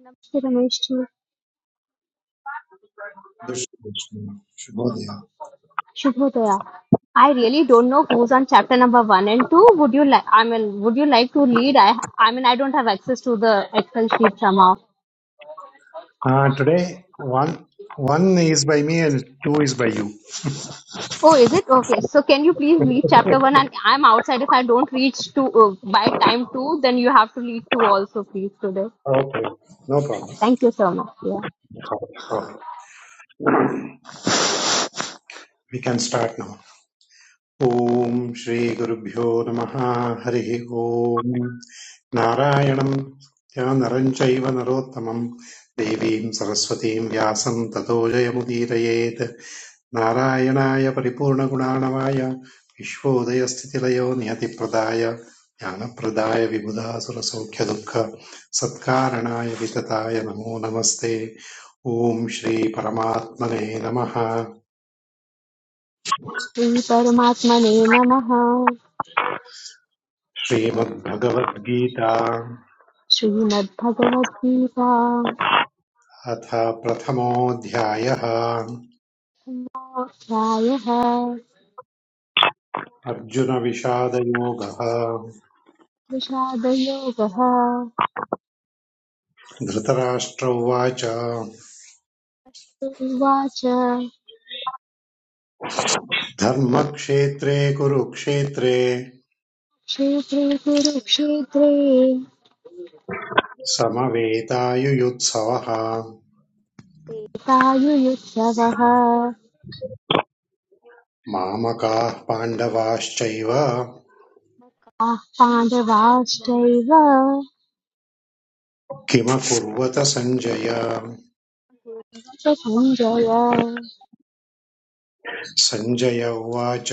Namaste Ramesh ji. Yes, Krishna. Shubhodaya. Shubhodaya. I really don't know who's on chapter number one and two. Would you like? I mean, would you like to lead? I, I mean, I don't have access to the Excel sheet somehow. Uh, today, one one is by me and two is by you. Oh, is it okay? So can you please read chapter one? And I'm outside. If I don't reach to uh, by time two, then you have to lead two also, please today. Okay, no problem. Thank you so much. Yeah. Okay. We can start now. ॐ श्रीगुरुभ्यो नमः हरिः ॐ नारायणं या नरं चैव नरोत्तमं देवीं सरस्वतीं व्यासं ततो जयमुदीरयेत् नारायणाय परिपूर्णगुणाणवाय विश्वोदयस्थितिलयो नियतिप्रदाय ज्ञानप्रदाय विबुधासुरसौख्यदुःख सत्कारणाय वितताय नमो नमस्ते ॐ श्रीपरमात्मने नमः श्री परमात्मने नमः श्रीमद्भगवद्गीता श्रीमद्भगवद्गीता अथ प्रथमोऽध्यायः अध्यायः अर्जुनविषादयोगः विषादयोगः धृतराष्ट्र उवाच उवाच धर्मक्षेत्रे कुरुक्षेत्रे क्षेत्रे कुरुक्षेत्रे समवेतायुयुत्सवः तायुयुत्सवः मामकाः पाण्डवाश्चैव आः पाण्डवाश्चैव किमकुर्वत सञ्जय च सञ्जय सञ्जय उवाच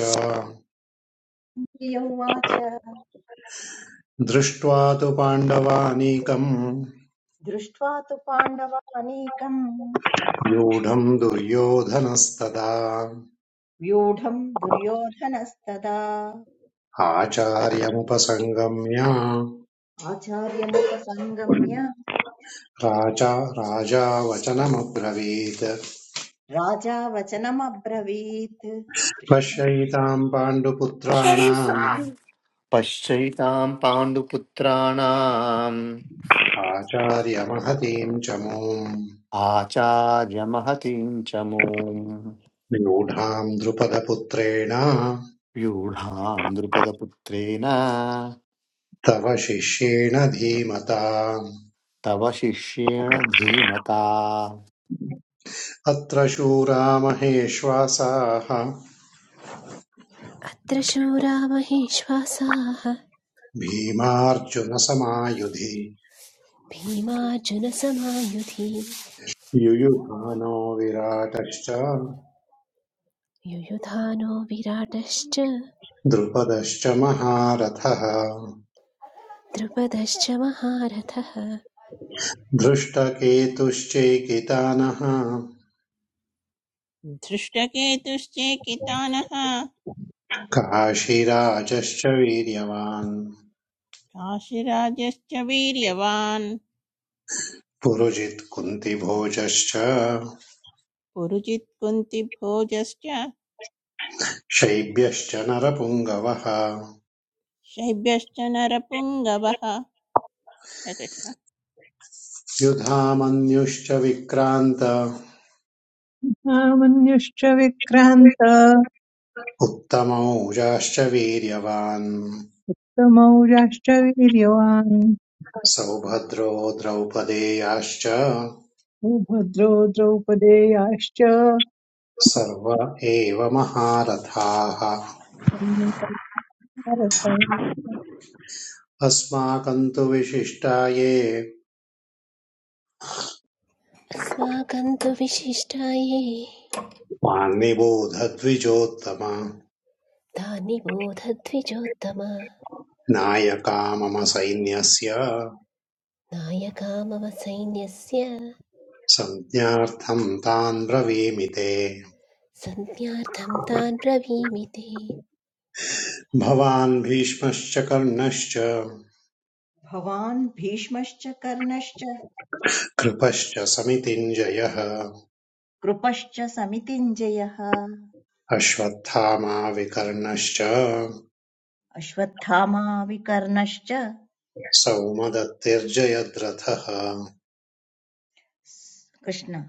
कौन्तेय उवाच दृष्ट्वा तु पाण्डवानीकम् दृष्ट्वा तु पाण्डवानीकम् व्यूढम् दुर्योधनस्तदा व्यूढम् दुर्योधनस्तदा आचार्यमुपसङ्गम्य आचार्यमुपसङ्गम्य राजा राजा वचनमब्रवीत् राजा वचनमब्रवीत् कृष्ण पश्यैताम् पाण्डुपुत्राणाम् पश्चैतां पाण्डुपुत्राणाम् आचार्यमहतीम् च मूम् आचार्यमहतीं च मूम् न्यूढाम् द्रुपदपुत्रेण व्यूढां द्रुपदपुत्रेण तव शिष्येण धीमता तव शिष्येण धीमता अत्र शूरा महेश्वासाः त्रिशूरा महिष्वासाः भीमार्जुनसमायुधि भीमार्जुनसमायुधि युयुधानो विराटश्च युयुधानो विराटश्च द्रुपदश्च महारथः द्रुपदश्च महारथः धृष्टकेतुश्चैकितानः धृष्टकेतुश्चेकितानः काशीराजश्च वीर्यवान् काशीराजश्च वीर्यवान् पुरुजित् कुन्तिभोजश्च पुरुजित् कुन्तिभोजश्च शैब्यश्च नरपुङ्गवः शैब्यश्च नरपुङ्गवः कृष्णकृष्ण युधामन्युश्च विक्रान्त आमन्युश्च विक्रान्त उत्तमौजाश्च वीर्यवान् समौजाश्च वीर्यवान् सौभद्रो द्रौपदेयाश्च सुभद्रो द्रौपदेयाश्च सर्व एव महारथाः अस्माकम् तु विशिष्टा ये अस्माकं तु विशिष्टाये मान्निबोधद्विजोत्तम तानि बोधद्विजोत्तम नायका मम सैन्यस्य नायका मम सैन्यस्य संज्ञार्थम् तान् ब्रवीमि ते संज्ञार्थं तान् ब्रवीमि ते भवान् भीष्मश्च कर्णश्च भवान् भीष्मश्च कर्णश्च कृपश्च समितिञ्जयः कृपश्च समितिञ्जयः अश्वत्थामा विकर्णश्च अश्वत्थामा विकर्णश्च सौमदत्तिर्जयद्रथः कृष्ण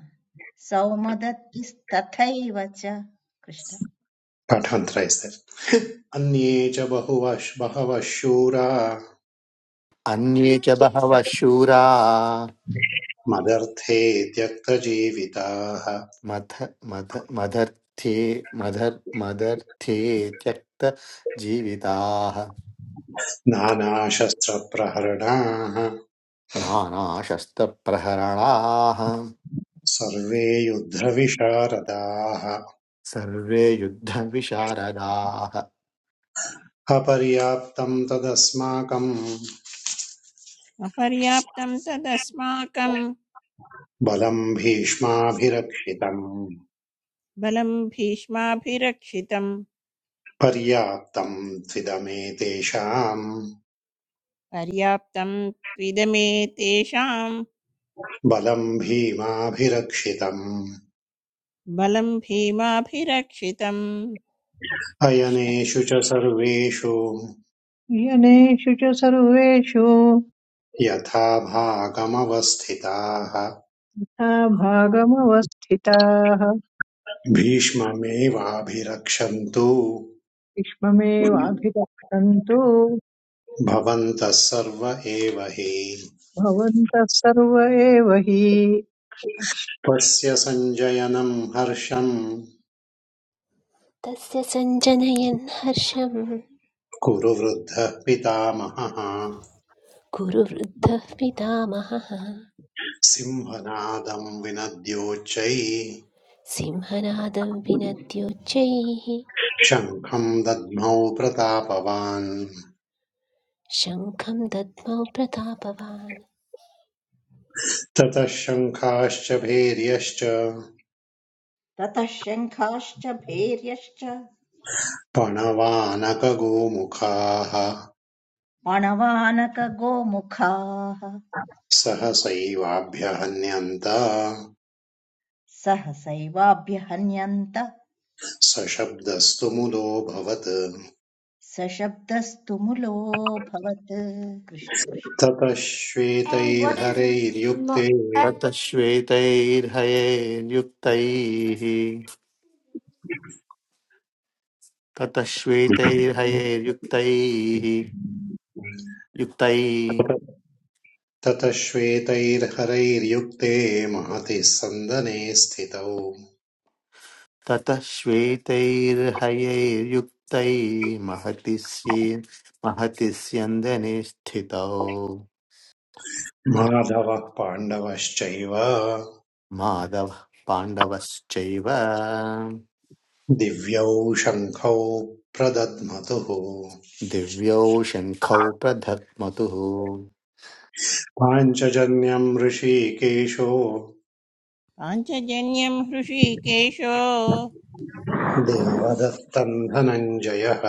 सौमदत्तिस्तथैव च कृष्ण पाठमन्त्रैस्ते अन्ये च बहुवः बहवः शूरा अन्ये च बहवः शूरा मदर्थे त्यक्तजीविताः मथ मथ मदर्थे मधर् मदर्थे त्यक्तजीविताः नानाशस्त्रप्रहरणाः नानाशस्त्रप्रहरणाः सर्वे युद्धविशारदाः सर्वे युद्धविशारदाः अपर्याप्तम् तदस्माकम् अपर्याप्तं तदस्माकं बलम् भीष्माभिरक्षितम् बलं भीष्माभिरक्षितं पर्याप्तम् त्विदमेतेषाम् पर्याप्तं त्विदमे तेषां बलं भीमाभिरक्षितम् बलं भीमाभिरक्षितं अयनेषु कृष्णकृष्ण च सर्वेषु यनेषु च सर्वेषु यथा भागमवस्थिताः यथा भागमवस्थिताः भीष्ममेवाभिरक्षन्तु विश्वमेवाभिरक्षन्तु भवन्तः सर्व एव हि भवन्तः सर्व एव हि त्वस्य सञ्जयनम् हर्षम् तस्य सञ्जनयन् हर्षं कुरु वृद्धः पितामहः कुरु वृद्धः पितामहः सिंहनादम् विनद्योच्चै सिंहनादं विनद्योच्चैः शङ्खम् दद्मौ प्रतापवान् शङ्खं दद्मौ प्रतापवान् ततः शङ्खाश्च भैर्यश्च ततः शङ्खाश्च भैर्यश्च पणवानकगोमुखाः अणवानकगोमुखाः सहसैवाभ्यहन्यन्ता सहसैवाभ्य हन्यन्त सशब्दस्तु मुदोऽभवत् सशब्दस्तु मुलोऽभवत् कृष्ण कृष्ण ततः And what is mo- श्वेतैर्हरैर्युक्ते and ततः श्वेतैर्हयैर्युक्तैः ततः श्वेतैर्हयैर्युक्तैः युक्तैः ततः श्वेतैर्हरैर्युक्ते महति सन्दने स्थितौ ततः श्वेतैर्हयैर्युक्तैः महतिस्ये महतिस्यन्दने स्थितौ माधवः पाण्डवश्चैव माधवः पाण्डवश्चैव दिव्यौ शङ्खौ प्रदध्मतुः दिव्यौ शङ्खौ प्रधत्मतुः पाञ्चजन्यम् ऋषिकेशो पाञ्चजन्यं हृषीकेशो देवदत्तम् धनञ्जयः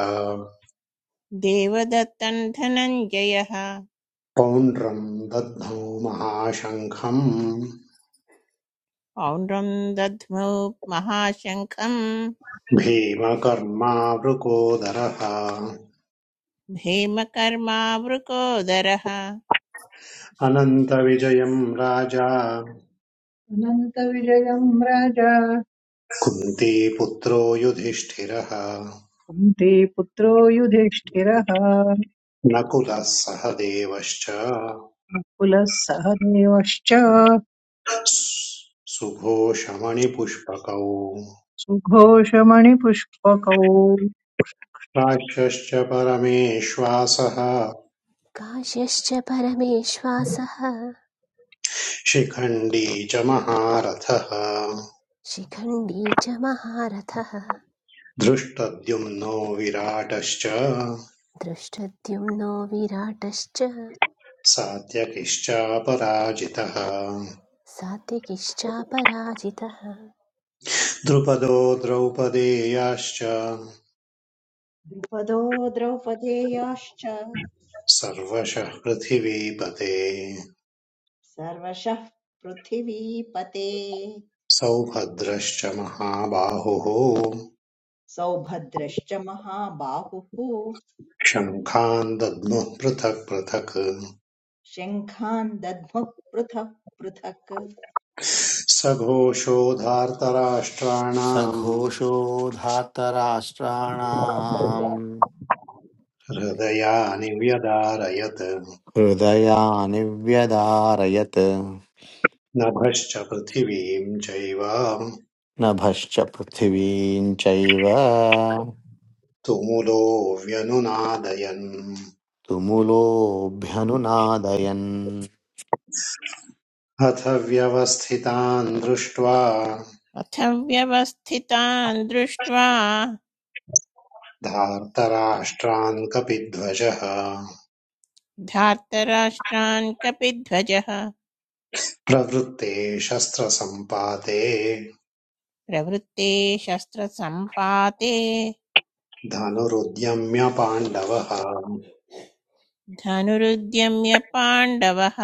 देवदत्तं धनञ्जयः पौण्ड्रम् दद्धौ महाशङ्खम् पौण्ड्रं दध्मौ महाशङ्खं भीमकर्मावृकोदरः भीमकर्मावृकोदरः अनन्तविजयम् राजा अनन्तविजयम् राजा कुन्तीपुत्रो युधिष्ठिरः कुन्तीपुत्रो युधिष्ठिरः नकुलः सह देवश्च नकुलः सहदेवश्च सुघोषमणिपुष्पकौ सुघोषमणिपुष्पकौ राक्षश्च परमेश्वासः काश्यश्च परमेश्वासः शिखण्डी च महारथः शिखण्डी च महारथः धृष्टद्युम्नो विराटश्च दृष्टद्युम्नो विराटश्च सात्यकिश्चापराजितः सात्विकिश्चापराजितः द्रुपदो द्रौपदेयाश्च द्रुपदो द्रौपदेयाश्च सर्वशः पृथिवीपते सर्वशः पृथिवीपते सौभद्रश्च महाबाहुः सौभद्रश्च महाबाहुः शङ्खान् दद्मुः पृथक् पृथक् शङ्खान् दद्मुः पृथक् पृथक् सघोषो धार्तराष्ट्राणाम् सघोषो धातराष्ट्राणाम् हृदयानि व्यदारयत् हृदयानिव्यदारयत् नभश्च पृथिवीम् चैव नभश्च पृथिवीं चैव तुमुलो व्यनुनादयन् तुमुलोऽभ्यनुनादयन् अथ व्यवस्थितान् दृष्ट्वा अथ व्यवस्थितान् दृष्ट्वा धार्तराष्ट्रान् कपिध्वजः धार्तराष्ट्रान् कपिध्वजः प्रवृत्ते शस्त्रसम्पाते प्रवृत्ते शस्त्रसम्पाते धनुरुद्यम्य पाण्डवः धनुरुद्यम्य पाण्डवः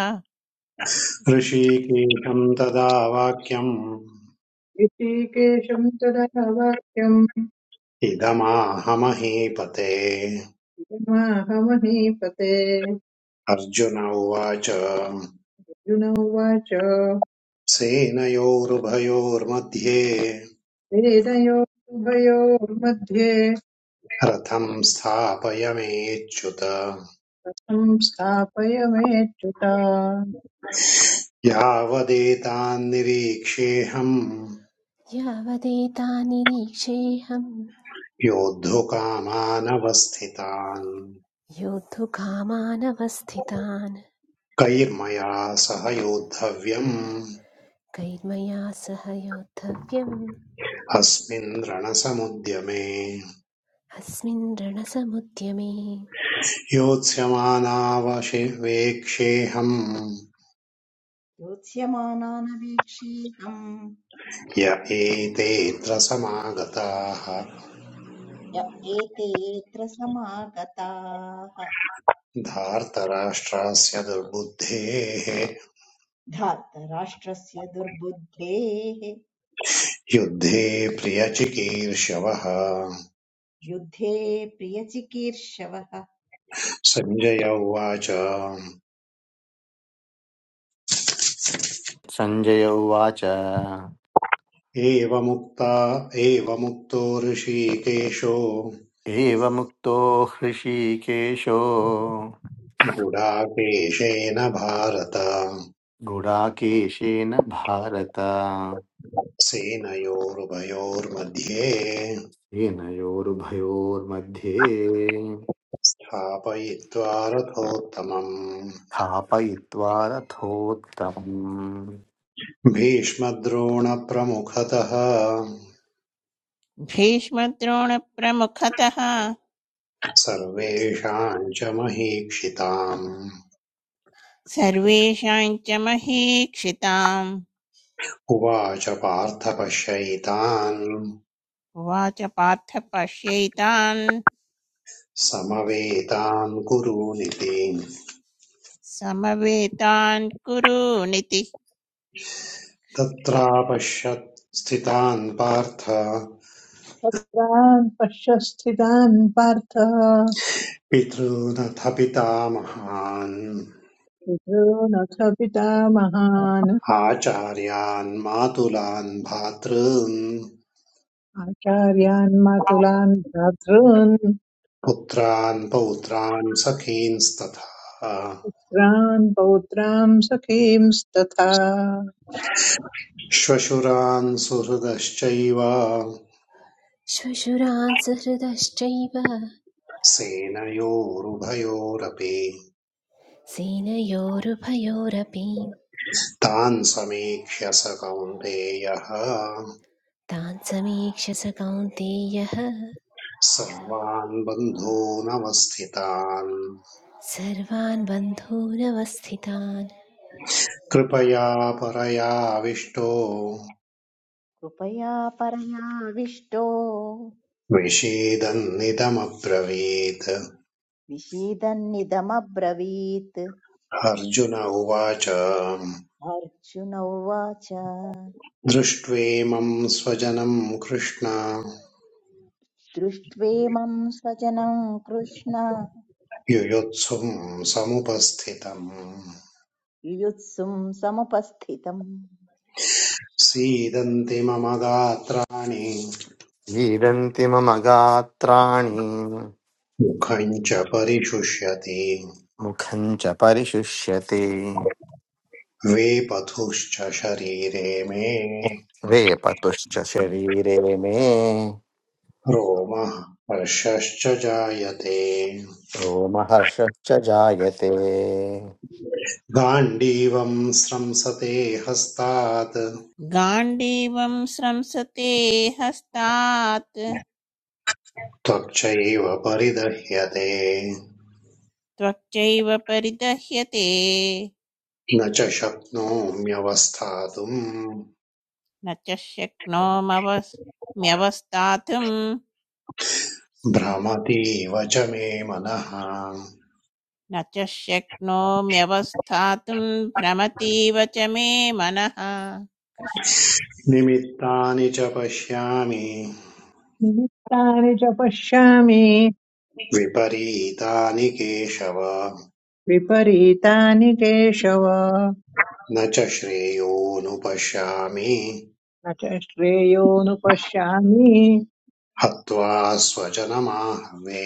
ऋषिकेशम् तदा वाक्यम् ऋषिकेशं तदा वाक्यम् इदमाहमहीपते इदमाहमहीपते अर्जुन उवाच अर्जुन उवाच सेनयोरुभयोर्मध्ये वेदयोरुभयोर्मध्ये रथम् स्थापयमेच्युत कथं स्थापयमेच्युता यावदेतान्निरीक्षेऽहम् यावदेतानिरीक्षेऽहं योद्धुकामानवस्थितान् योद्धुकामानवस्थितान् कैर्मया सह योद्धव्यम् कैर्मया सह योद्धव्यम् अस्मिन् रणसमुद्यमे अस्मिन् रणसमुद्यमे योत्स्यमानावशिवेक्षेऽहम् योत्स्यमानानवीक्षीतम् य एतेऽत्र समागताः य एतेऽत्र समागताः धार्तराष्ट्रास्य दुर्बुद्धेः धार्तराष्ट्रस्य दुर्बुद्धेः युद्धे प्रियचिकीर्षवः युद्धे प्रियचिकीर्षवः सञ्जय उवाच सञ्जय उवाच एवमुक्ता एवमुक्तो ऋषिकेशो एवमुक्तो हृषीकेशो गुडाकेशेन भारत गुडाकेशेन भारत सेनयोरुभयोर्मध्ये सेनयोरुभयोर्मध्ये स्थापयित्वा रथोत्तमम् स्थापयित्वा रथोत्तमम् भीष्मद्रोणप्रमुखतः भीष्मद्रोणप्रमुखतः सर्वेषाम् च महीक्षिताम् सर्वेषां च महीक्षिताम् उवाच पार्थ पश्यैतान् उवाच पार्थ पश्यैतान् समवेतान् कुरूनिति समवेतान् कुरु नितिः तत्रापश्यत् स्थितान् पार्थ तत्रान् पश्य स्थितान् पार्थ पितॄनथ पितामहान् पितॄनथ पितामहान् आचार्यान् मातुलान् भ्रातॄन् आचार्यान् मातुलान् भ्रातॄन् पुत्रान् पौत्रान् सखींस्तथा पुत्रान् पौत्रान् सखींस्तथा श्वशुरान् सुहृदश्चैव श्वशुरान् सहृदश्चैव सेनयोरुभयोरपि सेनयोरुभयोरपि तान् समीक्ष्य स कौन्तेयः तान् समीक्ष स कौन्तेयः सर्वान् बन्धूनवस्थितान् सर्वान् बन्धूनवस्थितान् कृपया परयाविष्टो कृपया परयाविष्टो विषेदन्निदमब्रवीत् विषीदन्निदमब्रवीत् अर्जुन उवाच अर्जुन उवाच दृष्ट्वेमं स्वजनं कृष्ण दृष्ट्वेमं स्वजनं कृष्ण युयुत्सुं समुपस्थितम् युयुत्सुं समुपस्थितम् सीदन्ति मम गात्राणि क्रीडन्ति मम गात्राणि मुखं च परिशुष्यति मुखं च परिशुष्यते वेपथुश्च शरीरे मे वेपतुश्च शरीरे मे रोमः हर्षश्च जायते रोमहर्षश्च जायते गाण्डीवं स्रंसते हस्तात् गाण्डीवं स्रंसते हस्तात् त्वच्चैव परिदह्यते त्वच्चैव परिदह्यते न च शक्नोम्यवस्थातुम् न च शक्नोमवस्म्यवस्थातुं भ्रमतीव च मे मनः न च शक्नोम्यवस्थातुं भ्रमतीव च मे मनः कृष्ण कृष्ण। निमित्तानि च पश्यामि निमित्तानि च पश्यामि विपरीतानि केशव विपरीतानि केशव न च श्रेयोऽनुपश्यामि न च श्रेयोनुपश्यामि हत्वा स्वजनमाहवे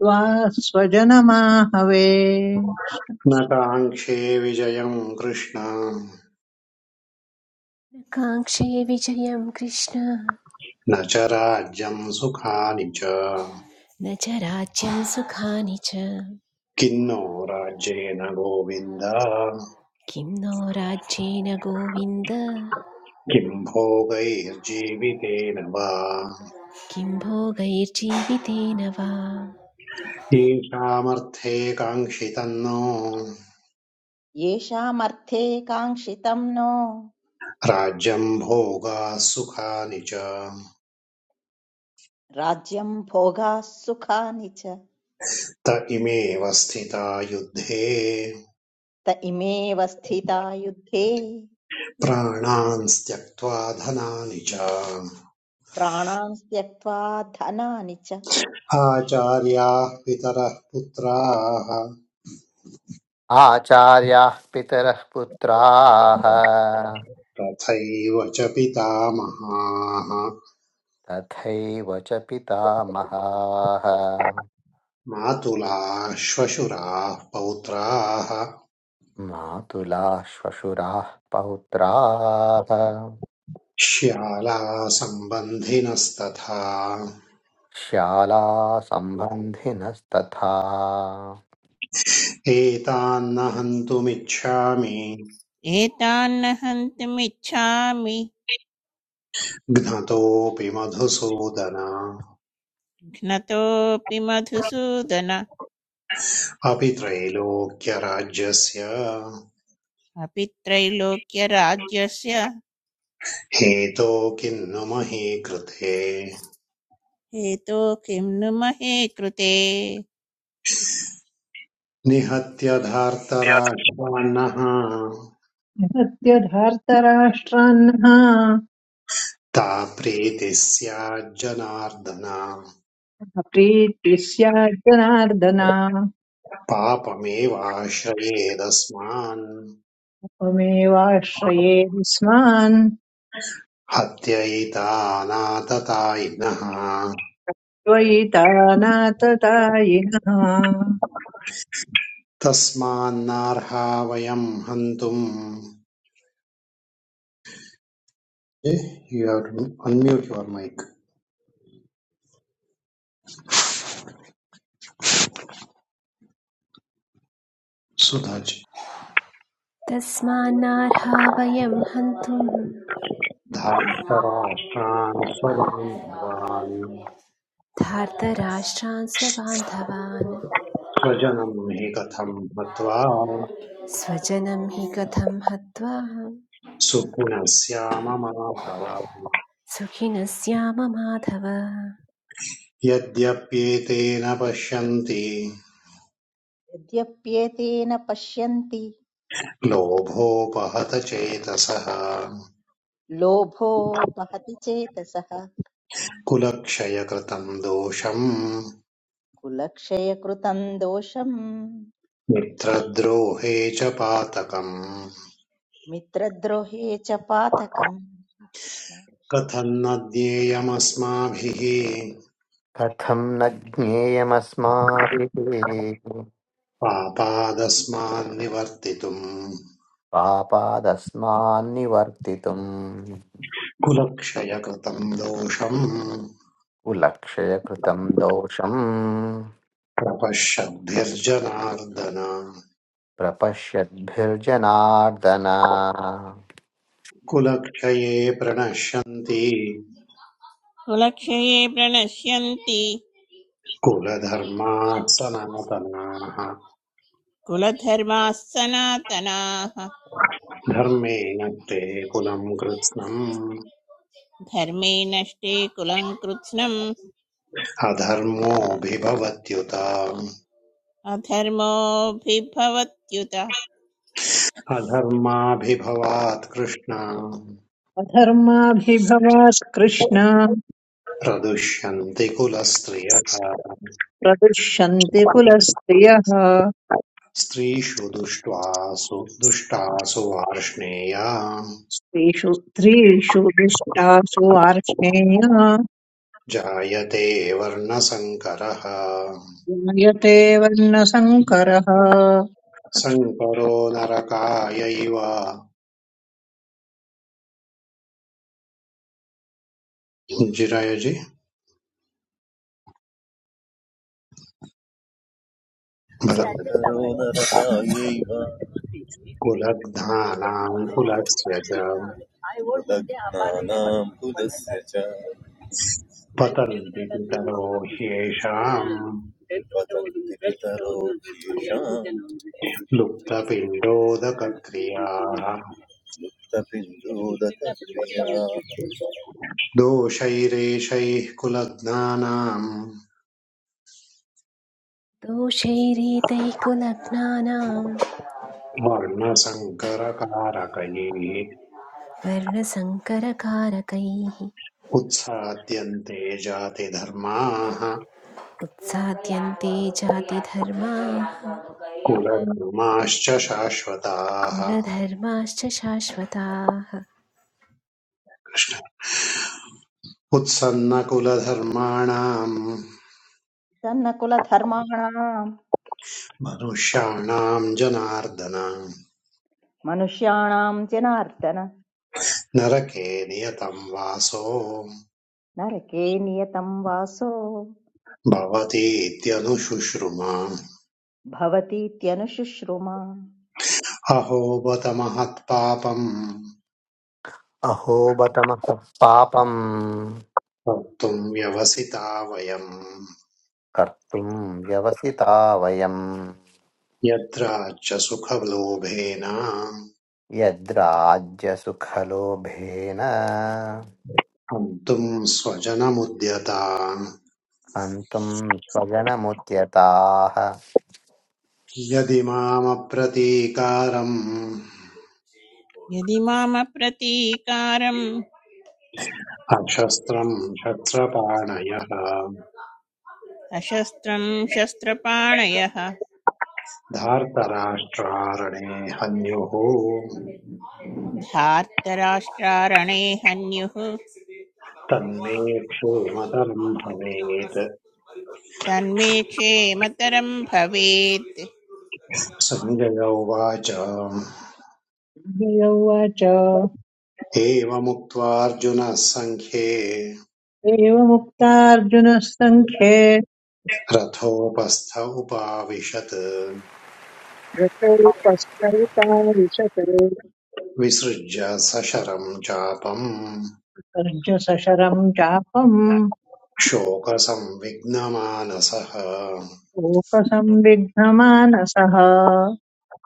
त्वा स्वजनमाहवे न काङ्क्षे विजयम् कृष्ण काङ्क्षे विजयं कृष्ण न च राज्यम् सुखानि च न च राज्यं सुखानि च किन्नो राज्येन गोविन्द किं नो राज्येन गोविन्द किं भोगैर्जीवितेन वा किं भोगैर्जीवितेन वा येषामर्थे काङ्क्षितम् नो येषामर्थे काङ्क्षितं नो राज्यम् भोगाः सुखानि च राज्यं भोगाः सुखानि च त इमेव स्थिता युद्धे त इमेव स्थिता युद्धे प्राणान् त्यक्त्वा धनानि च प्राणान् त्यक्त्वा धनानि च आचार्याः पितरः पुत्राः आचार्याः पितरः पुत्राः तथैव च पितामहाः तथैव च पितामहाः मातुलाः श्वशुराः पौत्राः मातुलाः श्वशुराः पौत्राः श्यालासम्बन्धिनस्तथा श्याला सम्बन्धिनस्तथा एतान्न हन्तुमिच्छामि एतान्न हन्तुमिच्छामि घ्नतोऽपि मधुसूदन घ्नतोऽपि मधुसूदन अपि त्रैलोक्यराज्यस्य अपि त्रैलोक्यराज्यस्य हेतो किन्नु मही कृते हेतो किं नु महे कृते निहत्य धार्तराष्ट्रान्नः सत्यधार्तराष्ट्रान्नः ता प्रीतिः स्याज्जनार्दन प्रीति स्याज्जनार्दन पापमेवाश्रयेदस्मान् त्वमेवाश्रये स्मान् हत्यैतानाततायिनः त्वयि तानाततायिनः तस्मान्नार्हा you have to unmute your mic, mic Sudhaji तस्मान्नार्हा वयं हन्तुं धार्तराष्ट्रान् स्वबान्धवान् धार्तराष्ट्रान् स्वबान्धवान् स्वजनं हि कथं हत्वा स्वजनं हि कथं हत्वा सुपुनस्याममाभव सुखिनः माधव यद्यप्येतेन पश्यन्ति यद्यप्येतेन पश्यन्ति लोभोपहत चेतसः लोभोपहति चेतसः कुलक्षयकृतं दोषम् कुलक्षयकृतम् दोषम् मित्रद्रोहे च पातकम् मित्रद्रोहे च पातकम् कृष्ण कथं न ज्ञेयमस्माभिः कथं न ज्ञेयमस्माभिः पापादस्मान्निवर्तितुम् पापादस्मान्निवर्तितुम् कुलक्षयकृतम् दोषम् कुलक्षयकृतम् दोषम् प्रपश्यद्भिर्जनार्दन प्रपश्यद्भिर्जनार्दन कुलक्षये प्रणश्यन्ति कुलक्षये प्रणश्यन्ति कुलधर्माः सनातनाः कुलधर्माः सनातनाः धर्मेण ते कुलम् कृत्स्नम् धर्मे नष्टे कुलं कृत्स्नम् अधर्मोऽभिभवत्युत अधर्मोऽभिभवत्युत अधर्माभिभवात् कृष्ण अधर्माभिभवात् कृष्ण प्रदुष्यन्ति कुलस्त्रियः प्रदुष्यन्ति कुलस्त्रियः स्त्रीषु दुष्ट्वासु दुष्टासु वार्ष्णेया त्रिषु त्रिषु दृष्टासु आर्ष्णेय जायते वर्णसङ्करः जायते वर्णसङ्करः संकरो नरकायैव जिरयजि भरतकुलग्धानाम् कुलस्य च सन्तरोदरतायैव लग्नानां कुलस्य च पतन्ति पितरो ह्येषाम् वदन्ति पितरो येषां लुप्तपिण्डोदकक्रियाः मुक्तपिण्डोदकक्रियाः दोषैरेषैः कुलज्ञानाम् दोषैरीतैः कुलघ्नानां वर्णसङ्करकारकैः वर्णसङ्करकारकैः उत्साद्यन्ते जातिधर्माः उत्साद्यन्ते जातिधर्माः कुलधर्माश्च शाश्वताः कुलधर्माश्च शाश्वताः उत्सन्नकुलधर्माणाम् तन्न कुलधर्माणाम् मनुष्याणाम् जनार्दन मनुष्याणाम् जनार्दन नरके नियतं वासो नरके नियतम् वासो भवतीत्यनुशुश्रुमा भवतीत्यनुशुश्रुमा अहो बत महत्पापम् अहो बतमः पापम् कर्तुम् व्यवसिता वयम् कर्तुम् व्यवसिता वयम् यत्राच्च सुखलोभेन यद्राज्यसुखलोभेन हन्तुम् स्वजनमुद्यता हन्तुम् स्वजनमुद्यताः यदिमामप्रतीकारम् यदि मामप्रतीकारम् अशस्त्रम् शस्त्रपाणयः अशस्त्रम् शस्त्रपाणयः धार्तराष्ट्रारणे हन्युः धार्तराष्ट्रारणे हन्युः तन्मे क्षोमतरम् भवेत् तन्मे क्षेमतरम् भवेत् सञ्जय उवाच अक्षय उवाच एवमुक्त्वा अर्जुनः सङ्ख्ये एवमुक्तार्जुनः सङ्ख्ये रथोपस्थ उपाविशत् रतोपस्तौताविशते विसृज्य सशरम् चापम् अर्जुसशरम् चापम् शोकसंविघ्नमानसः शोकसंविघ्नमानसः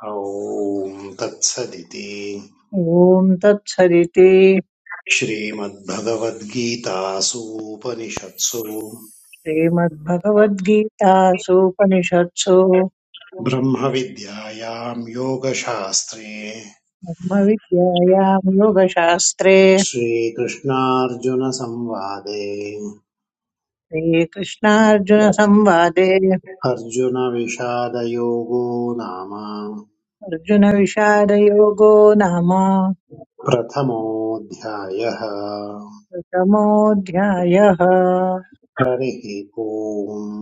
ॐ तत्सदिति ॐ तत्सदिति श्रीमद्भगवद्गीतासूपनिषत्सु श्रीमद्भगवद्गीतासूपनिषत्सु ब्रह्मविद्यायां योगशास्त्रे ब्रह्मविद्यायाम् योगशास्त्रे श्रीकृष्णार्जुनसंवादे श्रीकृष्णार्जुनसंवादे अर्जुनविषादयोगो नाम अर्जुनविषादयोगो नाम प्रथमोऽध्यायः प्रथमोऽध्यायः हरिः हरिः ओम्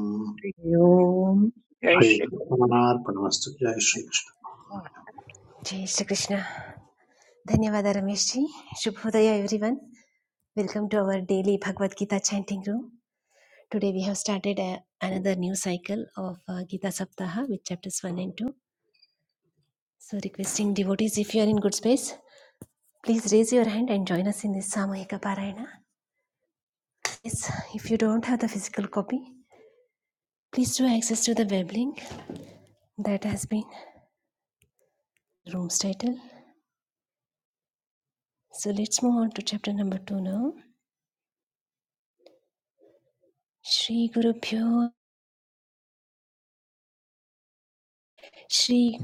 ओम् जय श्रीकृष्णार्पणमस्तु जय श्रीकृष्ण श्रीकृष्ण जय श्रीकृष्ण धन्यवाद रमेशजी शुभोदय everyone welcome to our daily Bhagavadgita chanting room today we have started another new cycle of uh, Gita Saptaha with chapters 1 and 2. So, requesting devotees if you are in good space, Please raise your hand and join us in this Samohika Parayana. Yes, if you don't have the physical copy, please do access to the web link that has been the room's title. So let's move on to chapter number two now. Shri Guru Pyo Shri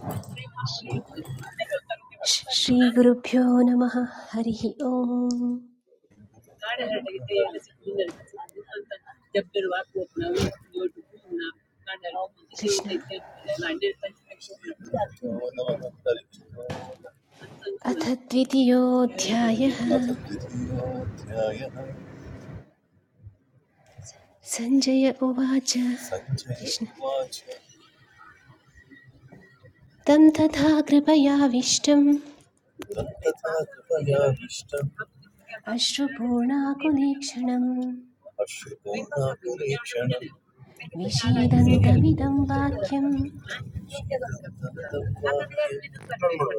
Shri Guru Pyo Namaha Harihi Om card हटेगी तो यहाँ से कोई नहीं रख सकता ना इंसान तब बिरवा को अपना वो जो टुकड़ा होना कार्ड है वो किसी को देख Krishna के अपने लाइनर इतना अथ द्वितीयोऽध्यायः सञ्जय उवाच कृष्ण तं तथा कृपयाविष्टम् चिपक गया है अश्रुपूर्णाकुलीक्षणम् आश्र बिक सान्स नो खनाक सो विषीदन्तमिदं वाक्यम्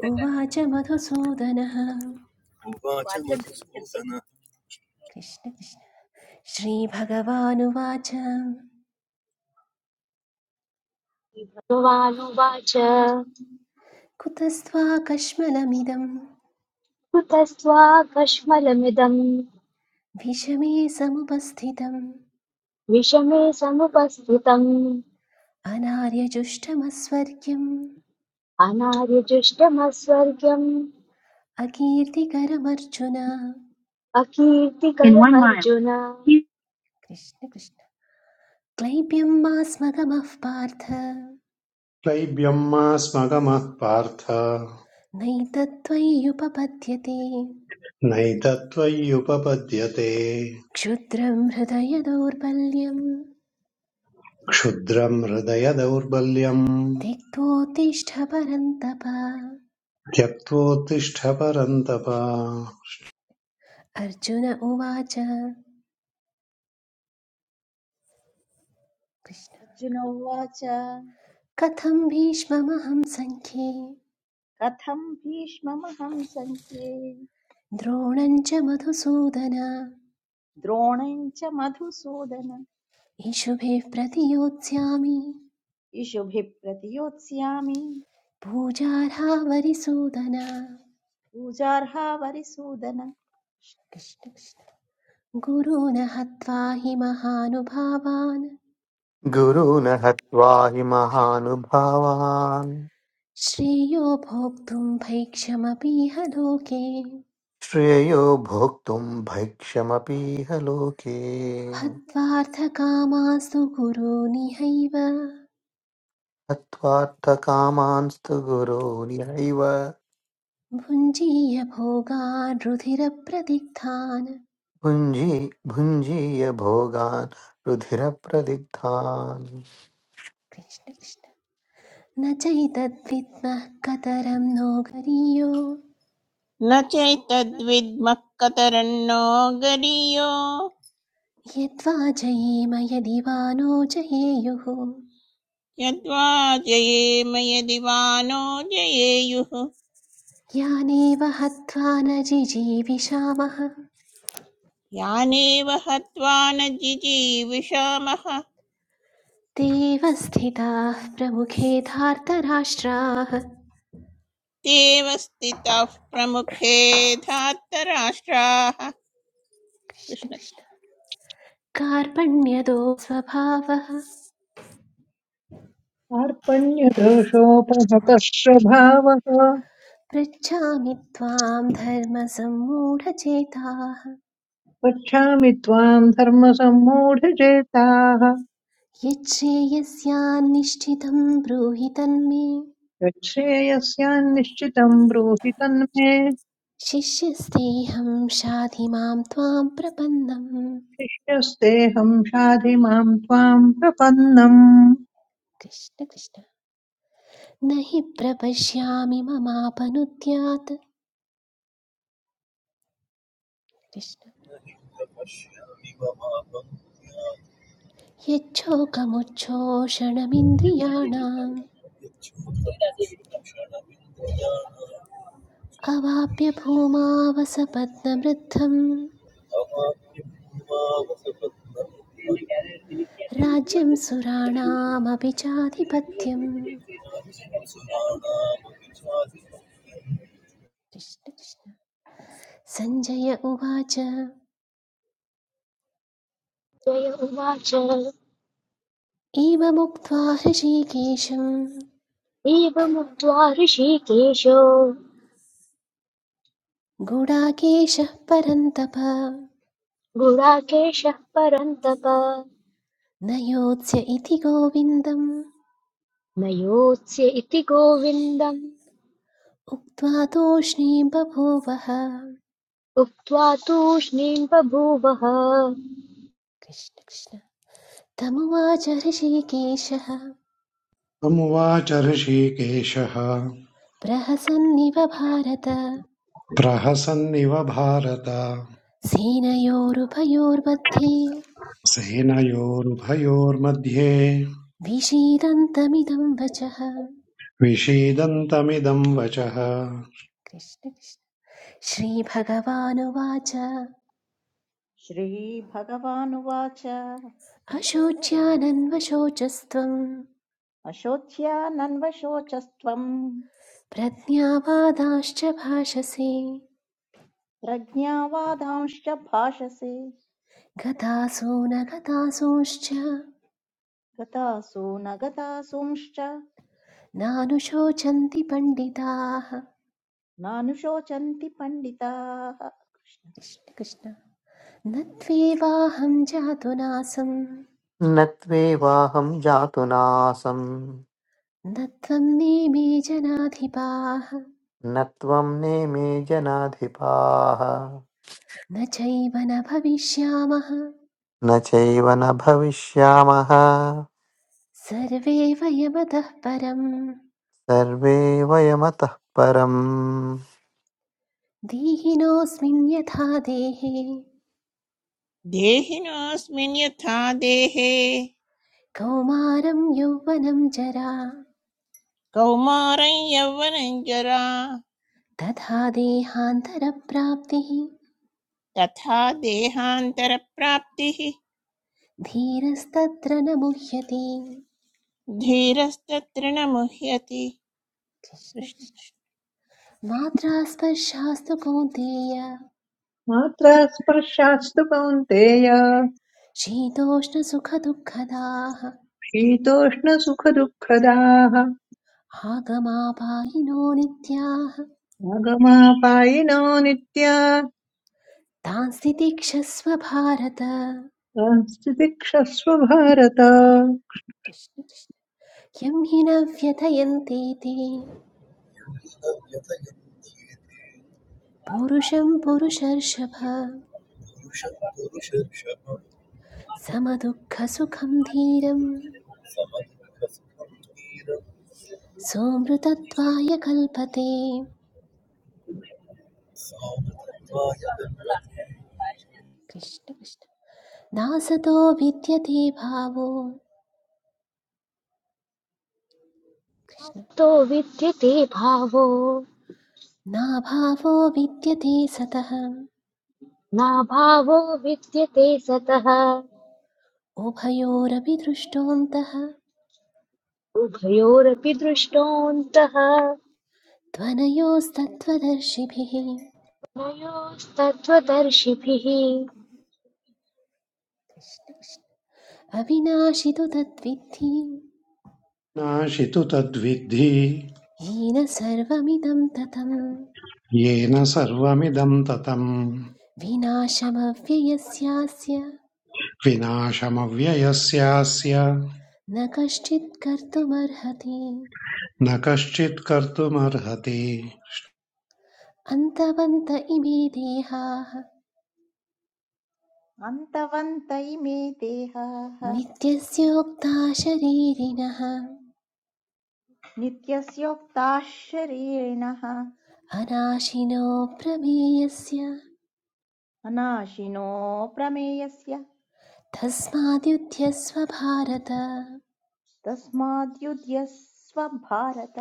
उवाच मधुसूदनः कृष्ण कृष्ण श्रीभगवानुवाच भगवानुवाच कुतस्त्वाकश्मलमिदं कुतस्त्वाकश्मलमिदम् विषमे समुपस्थितम् विषमे समुपस्थितम् अनार्यजुष्टमस्वर्ग्यम् अनार्यजुष्टमस्वर्गम् अकीर्तिकरमर्जुन अकीर्तिकरमर्जुन कृष्ण कृष्ण क्लैप्यं मास्मगमः पार्थ क्लैब्यम् मा स्मगमः पार्थ नैतत्त्वय्युपपद्यते नैतत्त्वय्युपपद्यते क्षुद्रं हृदय क्षुद्रं हृदयदौर्बल्यम् त्यक्तोत्तिष्ठ परन्तप त्यक्त्वोत्तिष्ठ परन्तप अर्जुन उवाच कृष्ण अर्जुन उवाच कथं भीष्ममहं सङ्ख्ये कथम् भीष्ममहम् सङ्ख्ये द्रोणं च मधुसूदन द्रोणं च मधुसूदन ईशुभिः प्रतियोत्स्यामि इषुभिः प्रतियोत्स्यामि पूजार्हा वरिसूदन पूजार्हा वरिसूदन कृष्ण कृष्ण गुरून् हत्वा हि महानुभावान् गुरून् हत्वा हि महानुभावान् श्रेयो भोक्तुं भैक्षमपीह लोके श्रेयो भोक्तुं भैक्षमपीह लोके हत्वार्थकामास्तु गुरूनिहैव हत्वार्थकामांस्तु गुरो न्यैव भुञ्जीय भोगान् रुधिरप्रदिग्धान् भुञ्जी भुञ्जीय भोगान् रुधिरप्रदिग्धान् कृष्ण कृष्ण न चैतद्विद्मः कतरं नो गरीयो न चैतद्विद्मः कतरन्नो गरीयो यद्वा जयेम यदि वा नो जयेयुः यद्वा जयेम यदि वा नो जयेयुः यानेव हत्वा न जिजीविषामः यानेव हत्वा न जिजीविषामः ते एव स्थिताः प्रमुखे धार्तराष्ट्राः तेव स्थितः प्रमुखे धातराष्ट्राः कृष्ण कृष्ण कृष्ण कार्पण्यदो स्वभावः अर्पण्यदोषोपहतः स्वभावः पृच्छामि त्वां धर्मसम्मूढचेताः पृच्छामि त्वाम् धर्मसम्मूढचेताः यच्छ्रेयस्यान्निष्ठितं ब्रूहि तन्मे यच्छ्रेयस्यान्निश्चितम् ब्रूहि तन्मे शिष्यस्तेऽहं शाधि मां त्वां प्रपन्नम् शिष्यस्तेऽहम् शाधि माम् त्वाम् प्रपन्नम् कृष्ण कृष्ण न हि प्रपश्यामि ममापनुद्यात् कृष्ण कु Schweiz योह अब हम dif이냙िक यच्छोकमुच्छोषणमिन्द्रियाणाम् शप्षेल्ड। योह recovery अवाप्य भूमावसपत्नवृद्धं राज्यं सुराणामपि चाधिपत्यम् कृष्ण कृष्ण सञ्जय जय उवाच एवमुक्त्वा हृषीकेशं एवमुक्त्वा ऋषिकेशो गुडाकेशः परन्तप गुडाकेशः परन्तप न योत्स्य इति गोविन्दम् न इति गोविन्दम् उक्त्वा तूष्णी बभूवः उक्त्वा तूष्णीम् बभूवः कृष्ण कृष्ण तमुवाच हृषीकेशः समुवाच ऋषिकेशः प्रहसन्निव भारत प्रहसन्निव भारत सेनयोरुभयोर्मध्ये सेनयोरुभयोर्मध्ये विषीदन्तमिदं वचः विषीदन्तमिदं वचः कृष्ण कृष्ण श्रीभगवानुवाच श्रीभगवानुवाच अशोच्यानन्वशोचस्त्वम् अशोच्यानन्वशोचस्त्वम् प्रज्ञावादाश्च भाषसे प्रज्ञावादांश्च भाषसे गतासो न गतासूंश्च गतासु न गतासूंश्च नानुशोचन्ति पण्डिताः नानुशोचन्ति पण्डिताः कृष्ण कृष्ण। कृष्ण कृष्ण न त्वेवाहं जातुनासं न त्वेवाहं जातु नासं न त्वं नेमे जनाधिपाः न त्वं नेमे जनाधिपाः न चैव न भविष्यामः न चैव न भविष्यामः सर्वे वयमतः परं सर्वे वयमतः परम् दीहिनोऽस्मिन् यथा कृष्ण। देहिनोऽस्मिन् यथा देहे कौमारं यौवनं कौमारं यौवनं जरा तथा देहान्तरप्राप्तिः तथा देहान्तरप्राप्तिः धीरस्तत्र न मुह्यते धीरस्तत्र न मुह्यति कृष्ण कृष्ण कृष्ण। कृष्ण। मात्रा स्पर्शास्तु कौन्तेय मात्रा स्पर्शास्तु कौन्तेय शीतोष्णसुखदुःखदाः शीतोष्णसुखदुःखदाः आगमापायिनो नित्याः आगमापायिनो नित्या तान् स्थितिक्षस्व भारत संस्थितिक्षस्व भारत यं हि न व्यथयन्ते ते पुरुषं पुरुषर्षभ समदुःखसुखं धीरं सोमृतत्वाय कल्पते कृष्ण कृष्ण नासतो विद्यते भावो कृष्ण तो विद्यते भावो नाभावो विद्यते सतः नाभावो विद्यते सतः उभयोरपि दृष्टोऽन्तः उभयोरपि दृष्टोऽन्तः त्वनयोस्तत्त्वदर्शिभिः तयोस्तत्त्वदर्शिभिः अविनाशितु तद्विद्धि नाशितु तद्विद्धि येन सर्वमिदं ततं येन सर्वमिदं ततम् विनाशमव्ययस्यास्य विनाशमव्ययस्यास्य न कश्चित् कर्तुमर्हति न कश्चित् कर्तुमर्हति अन्तवन्त इमे देहाः अन्तवन्त इमे देहाः नित्यस्योक्ता शरीरिणः नित्यस्योक्ताः शरीरिणः अनाशिनो प्रमेयस्य अनाशिनो प्रमेयस्य तस्माद्युध्यस्व भारत तस्माद्युध्यस्व भारत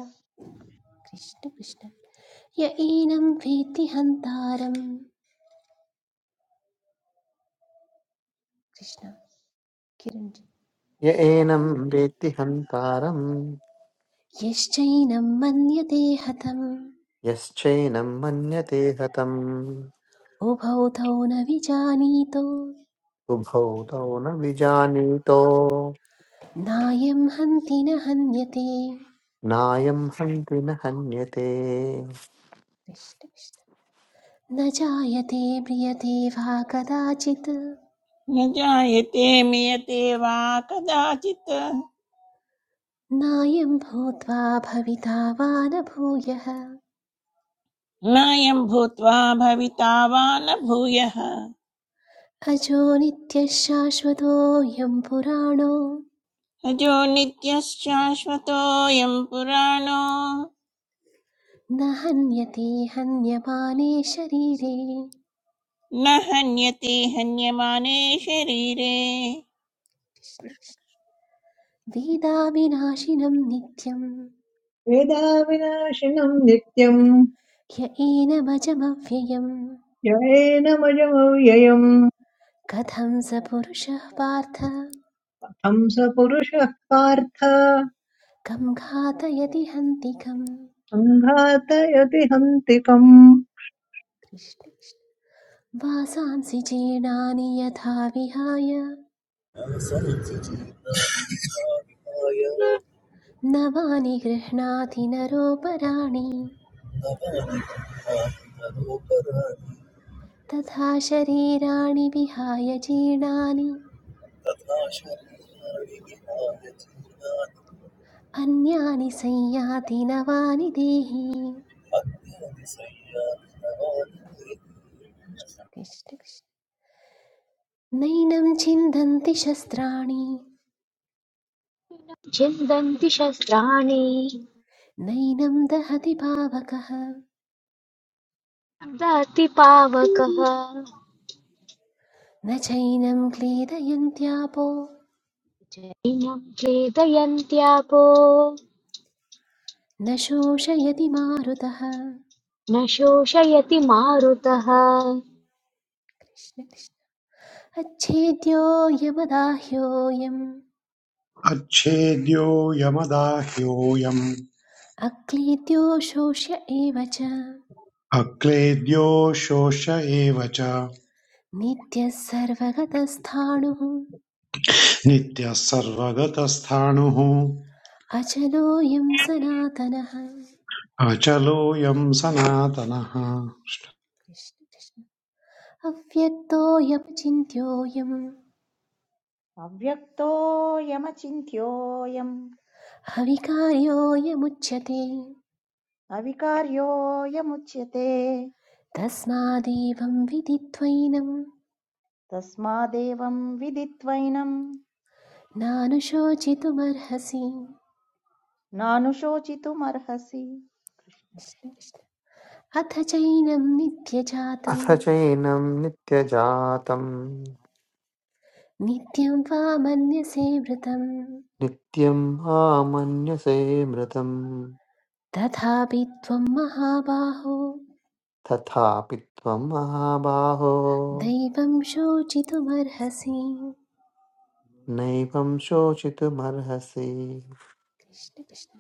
कृष्ण कृष्ण य एनं वेत्ति हन्तारं कृष्ण किरञ्जि य एनं वेत्ति हन्तारम् यश्चैनं मन्यते हतम् यश्चैनं मन्यते हतम् उभौ तौ न विजानीतो उभौ तौ न विजानीतो नायं हन्ति न हन्यते नायं हन्ति न हन्यते कृष्ण कृष्ण न जायते म्रियते वा कदाचित् न जायते मियते वा कदाचित् नायं भूत्वा भविता वा न भूयः नायं भूत्वा भविता वा न भूयः अजो नित्यः शाश्वतोऽयं पुराणो अजो नित्यश्शाश्वतोऽयं पुराणो न हन्यते हन्यमाने शरीरे न हन्यते हन्यमाने शरीरे वेदाविनाशिनं नित्यं वेदाविनाशिनम् नित्यम् य एनमजमव्ययम् जयेनमजमव्ययम् कथं स पुरुषः पार्थ हं स पुरुषः पार्थ कं घातयति हन्तिकम् सङ्घातयति हन्तिकम् वासांसि जीर्णानि यथा विहाय नवानि गृह्णाति नरोपराणि Thank you. तथा शरीराणि विहाय जीर्णानि تطغى شرها بنهايتهما अन्यानि संयाति नवानि देहि تحدث سيئاتها कृष्ण कृष्ण। नैनं छिन्दन्ति शस्त्राणि छिन्दन्ति शस्त्राणि नैनं दहति पावकः ददाति पावकः न चैनं क्लेदयन्त्यापो जैनं क्लेदयन्त्यापो न शोषयति मारुतः न शोषयति मारुतः कृष्ण कृष्ण अच्छेद्योऽयमदाह्योऽयम् अच्छेद्योऽयमदाह्योऽयम् अक्लीद्यो शोष्य एव च अक्लेद्यो शोष एव च नित्यः सर्वगतस्थाणुः नित्यः सर्वगतस्थाणुः अचलोऽयं सनातनः अचलोऽयम् सनातनः कृष्ण कृष्ण। अव्यक्तोऽयमचिन्त्योऽयं अव्यक्तोऽयमचिन्त्योऽयम् हविकार्योऽयमुच्यते अविकार्योऽयमुच्यते तस्मादेवं विदित्वैनं तस्मादेवं विदित्वैनं नानुशोचितुमर्हसि नानुशोचितुमर्हसि कृष्ण कृष्ण। अथ चैनं नित्यजातं अथ चैनं नित्यजातं नित्यं वा मन्यसे वृतं नित्यं मामन्यसे मृतं तथापि त्वं महाबाहो तथापि त्वं महाबाहो दैवं शोचितुमर्हसि नैवं शोचितुमर्हसि कृष्ण कृष्ण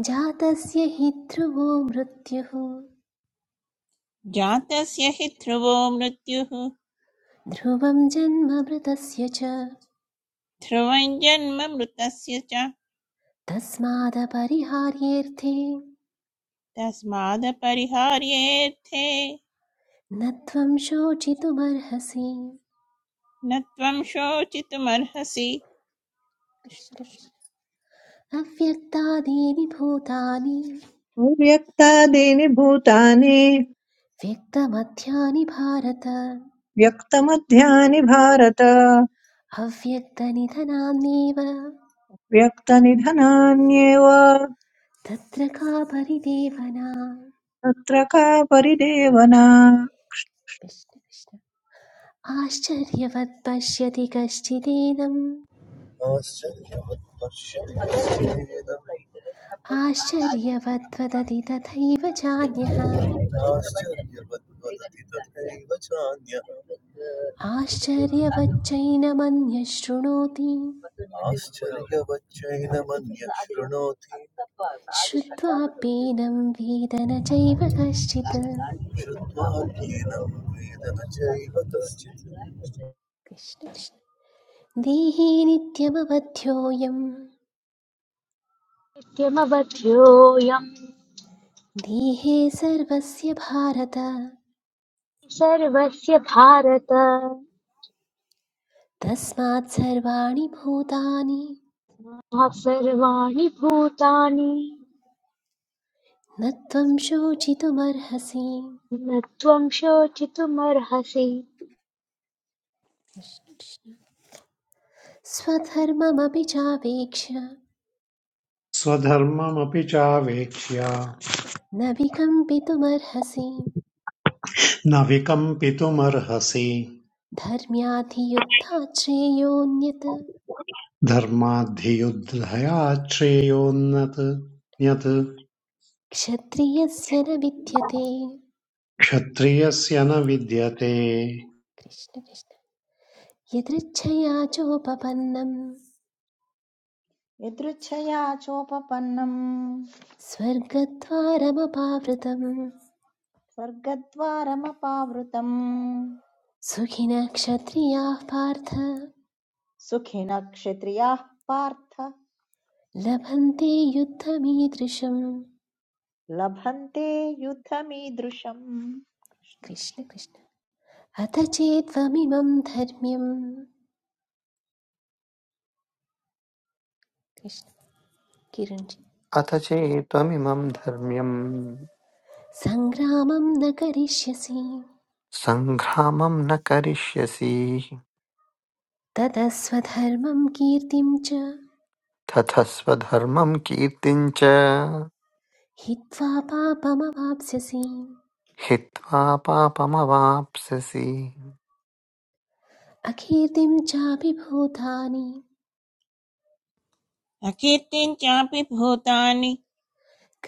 जातस्य हि ध्रुवो मृत्युः जातस्य हि ध्रुवो मृत्युः ध्रुवं जन्म मृतस्य च ध्रुवं जन्म मृतस्य च तस्मादपरिहार्येऽर्थे तस्मादपरिहार्येऽर्थे न त्वं शोचितुमर्हसि न त्वं शोचितुमर्हसि अव्यक्तादीनि भूतानि व्यक्तादीनि भूतानि व्यक्तमध्यानि भारत व्यक्तमध्यानि भारत अव्यक्तनिधनान्येव व्यक्तनिधनान्येव तत्र का परिदेवना तत्र का परिदेवना आश्चर्यवत् पश्यति कश्चिदेदम् والسيئة والشر والسيئة आश्चर्यवद्वदति तथैव चान्यः والتي تدعي وجهان يا आश्चर्यवच्चैनमन्यः शृणोति आश्चर्यवच्चैनमन्यशृणोति श्रुत्वाप्येनं वेद न चैव कश्चित् शुद्धाध्ययनं वेदन चैव तच्चित् देहे नित्यमवध्योऽयं किमवध्योऽयं देहे सर्वस्य भारत सर्वस्य भारत तस्मात् सर्वाणि भूतानि मम सर्वाणि भूतानि न त्वं शोचितुमर्हसि न त्वं शोचितुमर्हसि स्वधर्ममपि चावेक्ष्य न स्वधर्ममपि चावेक्ष्य विकम्पितुमर्हसि न विकम्पितुमर्हसि धर्म्याधियुद्धाश्रेयोऽन्यत् धर्माद्धियुद्धया श्रेयोन्नत् यत् क्षत्रियस्य न विद्यते क्षत्रियस्य न विद्यते कृष्ण कृष्ण यदृच्छया चोपपन्नं यदृच्छया चोपपन्नम् स्वर्गद्वारमपावृतं स्वर्गद्वारमपावृतम् सुखिनः क्षत्रियाः पार्थ सुखिनः क्षत्रियाः पार्थ लभन्ते युद्धमीदृशम् लभन्ते युद्धमीदृशम् कृष्ण कृष्ण। कृष्ण कृष्ण अथ चेत्त्वमिमं धर्म्यं कृष्ण किरञ्जि अथ चेत्त्वमिमं धर्म्यं सङ्ग्रामं न करिष्यसि सङ्ग्रामं न करिष्यसि ततः स्वधर्मं कीर्तिं च ततस्त्वधर्मं कीर्तिं च हित्वा पापमवाप्स्यसि हित्वा पापमवाप्स्यसि अकीर्तिं चापि भूतानि अकीर्तिं चापि भूतानि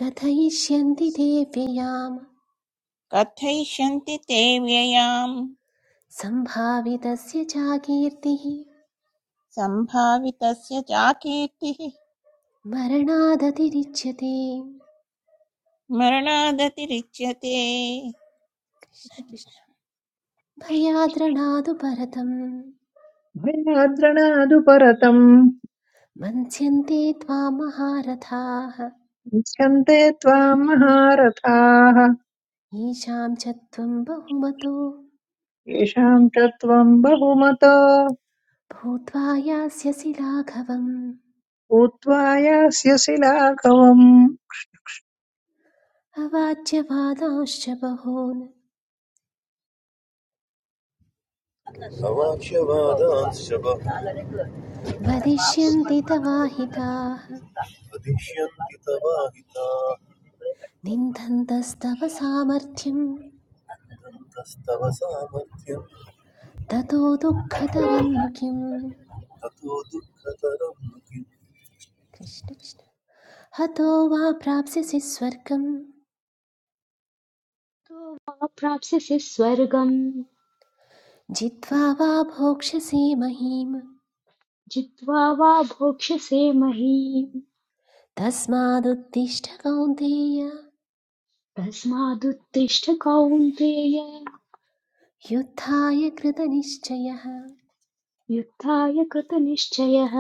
कथयिष्यन्ति ते व्ययाम् कथयिष्यन्ति ते व्ययाम् सम्भावितस्य चाकीर्तिः सम्भावितस्य चाकीर्तिः मरणादतिरिच्यते मरणादतिरिच्यते कृष्ण कृष्ण भयाद्रणादु परतं भयाद्रणादुपरतम् मन्स्यन्ते त्वां महारथाः उच्यन्ते त्वाम् महारथाः येषां च त्वं बहुमतो येषाम् च त्वम् बहुमत भूत्वा यास्यसि लाघवम् भूत्वा यास्यसि लाघवम् अवाच्यवादांश्च बहून् अवाक्यवादांश्च वदिष्यन्ति तवाहिताः वदिष्यन्ति तवाहिता निन्दन्तस्तव सामर्थ्यं दन्तस्तव सामर्थ्यं ततो दुःखतरं नु किम् ततो दुःखतरं किम् कृष्ण कृष्ण। हतो वा प्राप्स्यसि स्वर्गं तो मा प्राप्स्यसि स्वर्गम् जित्वा वा भोक्ष्यसि महीम् जित्वा वा भोक्ष्यसे महीम् तस्मादुत्तिष्ठ कौन्तेय तस्मादुत्तिष्ठ कौन्तेय युद्धाय कृतनिश्चयः युद्धाय कृतनिश्चयः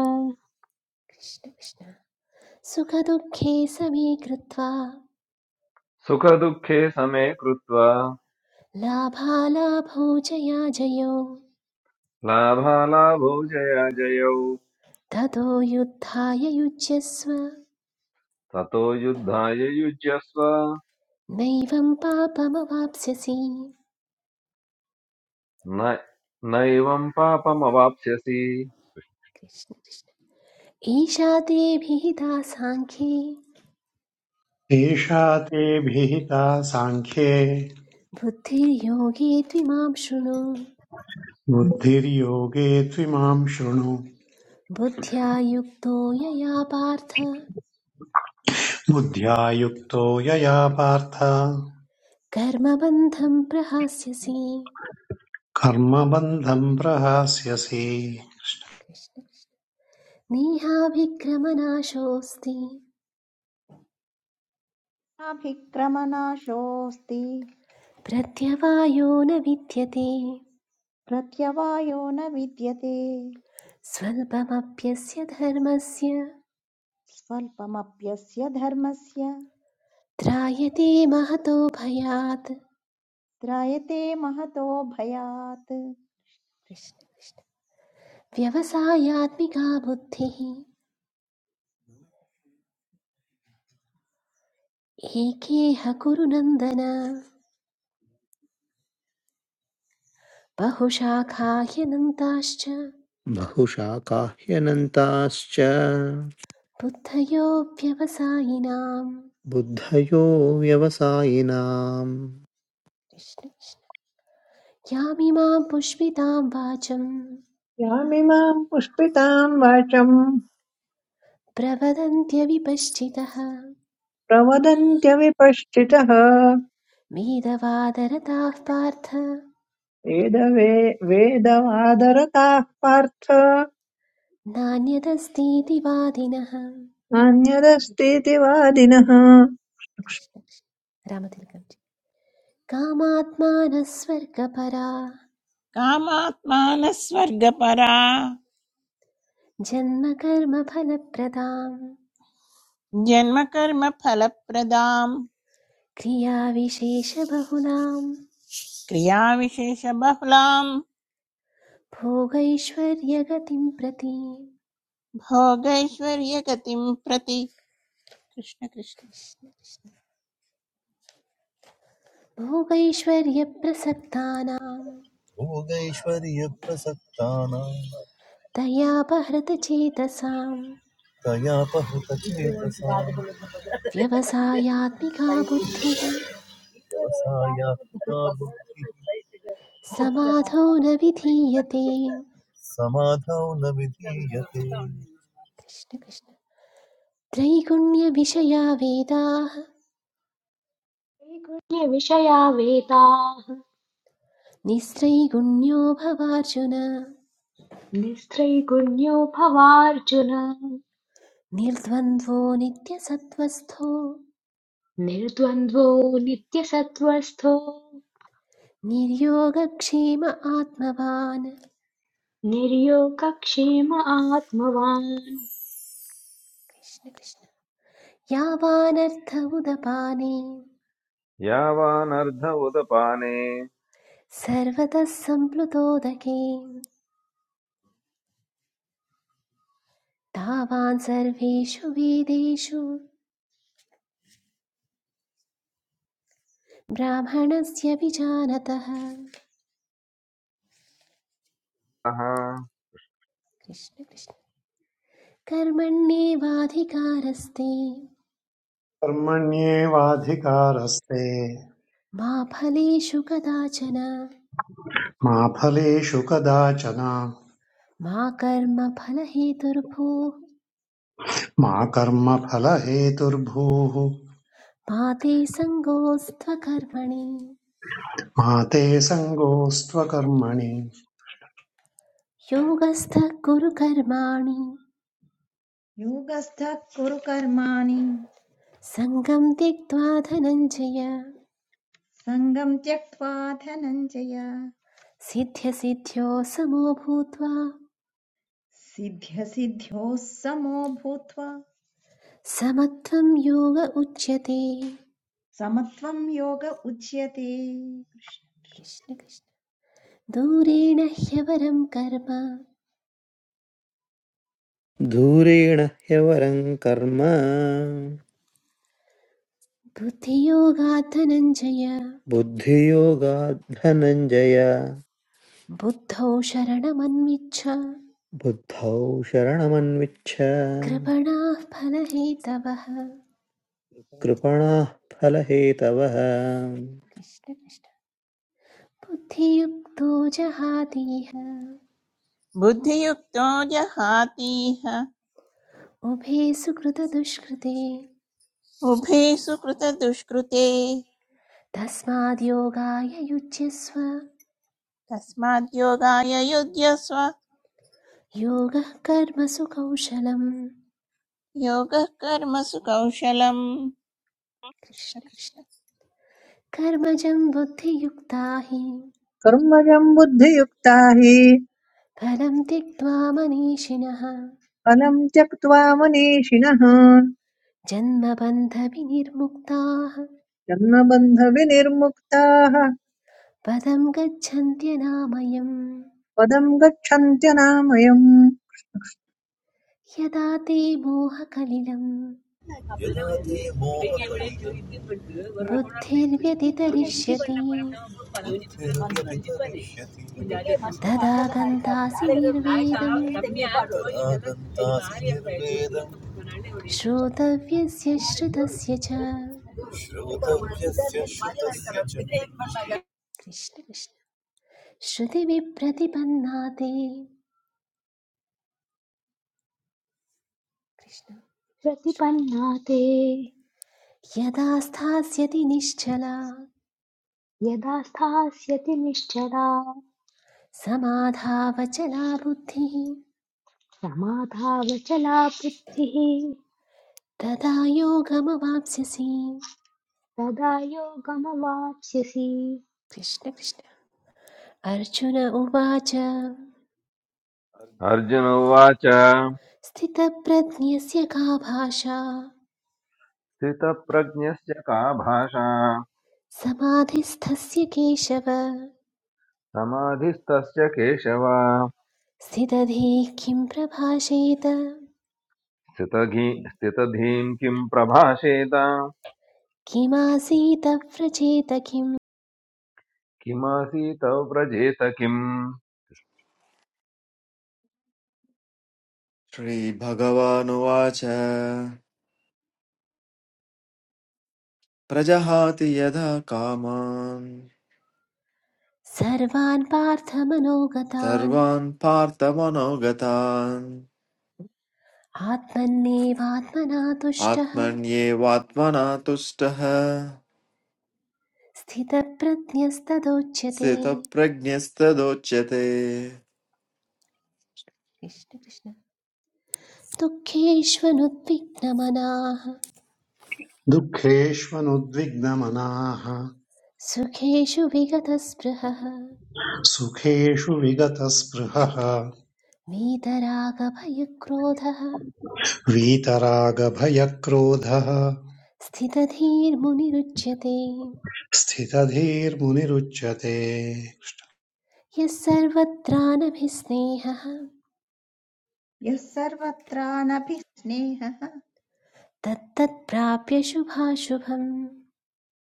कृष्ण कृष्ण सुखदुःखे समे कृत्वा सुखदुःखे समे कृत्वा लाभालाभौ जया जयो लाभालाभौ जयाजयौ ततो युद्धाय ततो युद्धाय युज्यस्व नैवं पापमवाप्स्यसि न नैवं पापमवाप्स्यसि कृष्ण कृष्ण ईशा ते विहिता साङ्ख्ये एषा ते भिहिता साङ्ख्ये बुद्धिर्योगे त्विमां शृणु बुद्धिर्योगे त्विमां शृणु बुद्ध्या युक्तो यया पार्थ बुद्ध्या युक्तो यया पार्थ कर्मबन्धं प्रहास्यसि कर्मबन्धं प्रहास्यसि कृष्ण कृष्ण नेहाभिक्रमनाशोऽस्ति नाभिक्रमनाशोऽस्ति प्रत्यवायो न विद्यते प्रत्यवायो न विद्यते स्वल्पमप्यस्य धर्मस्य स्वल्पमप्यस्य धर्मस्य त्रायते महतो भयात् त्रायते महतो भयात् कृष्ण व्यवसायात्मिका बुद्धिः एकेह कुरु नन्दन बहुशाखाह्यनन्ताश्च बहुशाकाह्यनन्ताश्च बुद्धयो व्यवसायिनाम् बुद्धयो व्यवसायिनाम् कृष्ण कृष्ण। यामिमां पुष्पितां वाचं यामिमाम् पुष्पिताम् वाचम् प्रवदन्त्यविपश्चितः प्रवदन्त्यविपश्चितः मेदवादरताः पार्थ वेदवे वेदवादरताः पार्थ नान्यदस्तीति वादिनः नान्यदस्तीति वादिनः कृष्ण कृष्ण। रामतिलकं जी। कामात्मानः स्वर्गपरा कामात्मानः स्वर्गपरा जन्मकर्मफलप्रदाम् जन्मकर्मफलप्रदां क्रियाविशेषबहुलां क्रियाविशेषबहुलां भोगैश्वर्यगतिं प्रति भोगैश्वर्यगतिं प्रति कृष्ण कृष्ण भोगैश्वर्यप्रसक्तानां भोगैश्वर्यप्रसक्तानां दयापहृतचेतसां तया व्यवसायात्मिका पहुतचेतसा बुद्धिः आसाय का बुद्धि समाधौ न विधीयते समाधान विधि यति यति कृष्ण कृष्ण त्रैगुण्यविषया वेदाः त्रैगुण्यविषया वेदाः निस्त्रैगुण्यो भवार्जुन निस्त्रैगुण्यो भवार्जुन निर्द्वन्द्वो नित्यसत्त्वस्थो निर्द्वन्द्वो नित्यसत्त्वस्थो निर्योगक्षेम आत्मवान् निर्योगक्षेम आत्मवान् कृष्ण कृष्ण यावानर्थ उदपाने यावानर्ध उदपाने सर्वतः सम्प्लुतोदके तावान् सर्वेषु वेदेषु ब्राह्मणस्य विजानतः अह। कृष्ण कृष्ण कर्मण्येवाधिकारस्ते कर्मण्येवाधिकारस्ते मा फलेषु कदाचन मा फलेषु कदाचन मा कर्मफलहेतुर्भूः मा कर्मफलहेतुर्भूः मा ते सङ्गोऽस्त्वकर्मणि मा ते सङ्गोऽस्त्वकर्मणि योगस्थः कुरु कर्माणि योगस्थः कुरु कर्माणि सङ्गं त्यक्त्वा धनञ्जय सङ्गम् त्यक्त्वा धनञ्जय सिद्ध्यसिद्ध्यो समो भूत्वा सिद्ध्यसिद्ध्योः समो भूत्वा समत्वं योग उच्यते समत्वं योग उच्यते कृष्ण कृष्ण दूरेण ह्यवरं कर्म धूरेण ह्यवरं कर्म बुद्धियोगात् धनञ्जय बुद्धियोगाद्धनञ्जय बुद्धौ शरणमन्विच्छ बुद्धौ शरणमन्विच्छ कृपणाः फलहेतवः कृपणाः फलहेतवः कृष्ण कृष्ण बुद्धियुक्तो जहातीह बुद्धियुक्तो जहातीह उभे सुकृतदुष्कृते उभे सुकृतदुष्कृते तस्माद्योगाय युज्यस्व तस्माद्योगाय युध्यस्व योगः कर्मसु कौशलम् योगः कर्मसु कौशलम् कृष्ण कृष्ण कृष्ण कृष्ण कर्मजं बुद्धियुक्ता हि कर्मजम् बुद्धियुक्ता हि फलं त्यक्त्वा मनीषिणः फलम् त्यक्त्वा मनीषिणः जन्मबन्धविनिर्मुक्ताः जन्मबन्धविनिर्मुक्ताः पदं गच्छन्त्यनामयम् पदं गच्छन्त्यनामयम् यदा ते मोहकलिलं बोले बुद्धिर्व्यतितरिष्यति तदा गन्तासि निर्वेदं श्रोतव्यस्य श्रुतस्य च तेरे कृष्ण कृष्ण श्रुतिविप्रतिपन्ना ते कृष्ण प्रतिपन्नाते यदा स्थास्यति निश्चला यदा स्थास्यति निश्चला समाधावचला बुद्धिः समाधावचला बुद्धिः तदा योगमवाप्स्यसि तदा योगमवाप्स्यसि कृष्ण कृष्ण अर्जुन उवाच अर्जुन उवाच स्थितप्रज्ञस्य का भाषा स्थितप्रज्ञस्य का भाषा समाधिस्थस्य केशव समाधिस्तस्य केशव स्थितधीः किं प्रभाषेत स्थितघी स्थितधीं किं प्रभाषेत किमासीत व्रजेत किम् किमासीत व्रजेत किम् Shri Bhagavan Ocha, Prajahati yeda kaman, सर्वान् पार्थमनोगतान् Sarvan Parthavan Ogatan, आत्मन्नेवात्मना तुष्टः Atmanye Vatvana Tushtha, स्थितप्रज्ञस्तदोच्यते Sita Pragnistha Dhochete, Krishna Krishna दुःखेष्वनुद्विग्नमनाः दुःखेष्वनुद्विग्नमनाः सुखेषु विगतस्पृहः सुखेषु विगतस्पृहः वीतरागभयक्रोधः वीतरागभयक्रोधः स्थितधीर्मुनिरुच्यते स्थितधीर्मुनिरुच्यते यः सर्वत्रानभिस्नेहः यः सर्वत्राणभिः स्नेहः तत्तत्प्राप्य शुभाशुभम्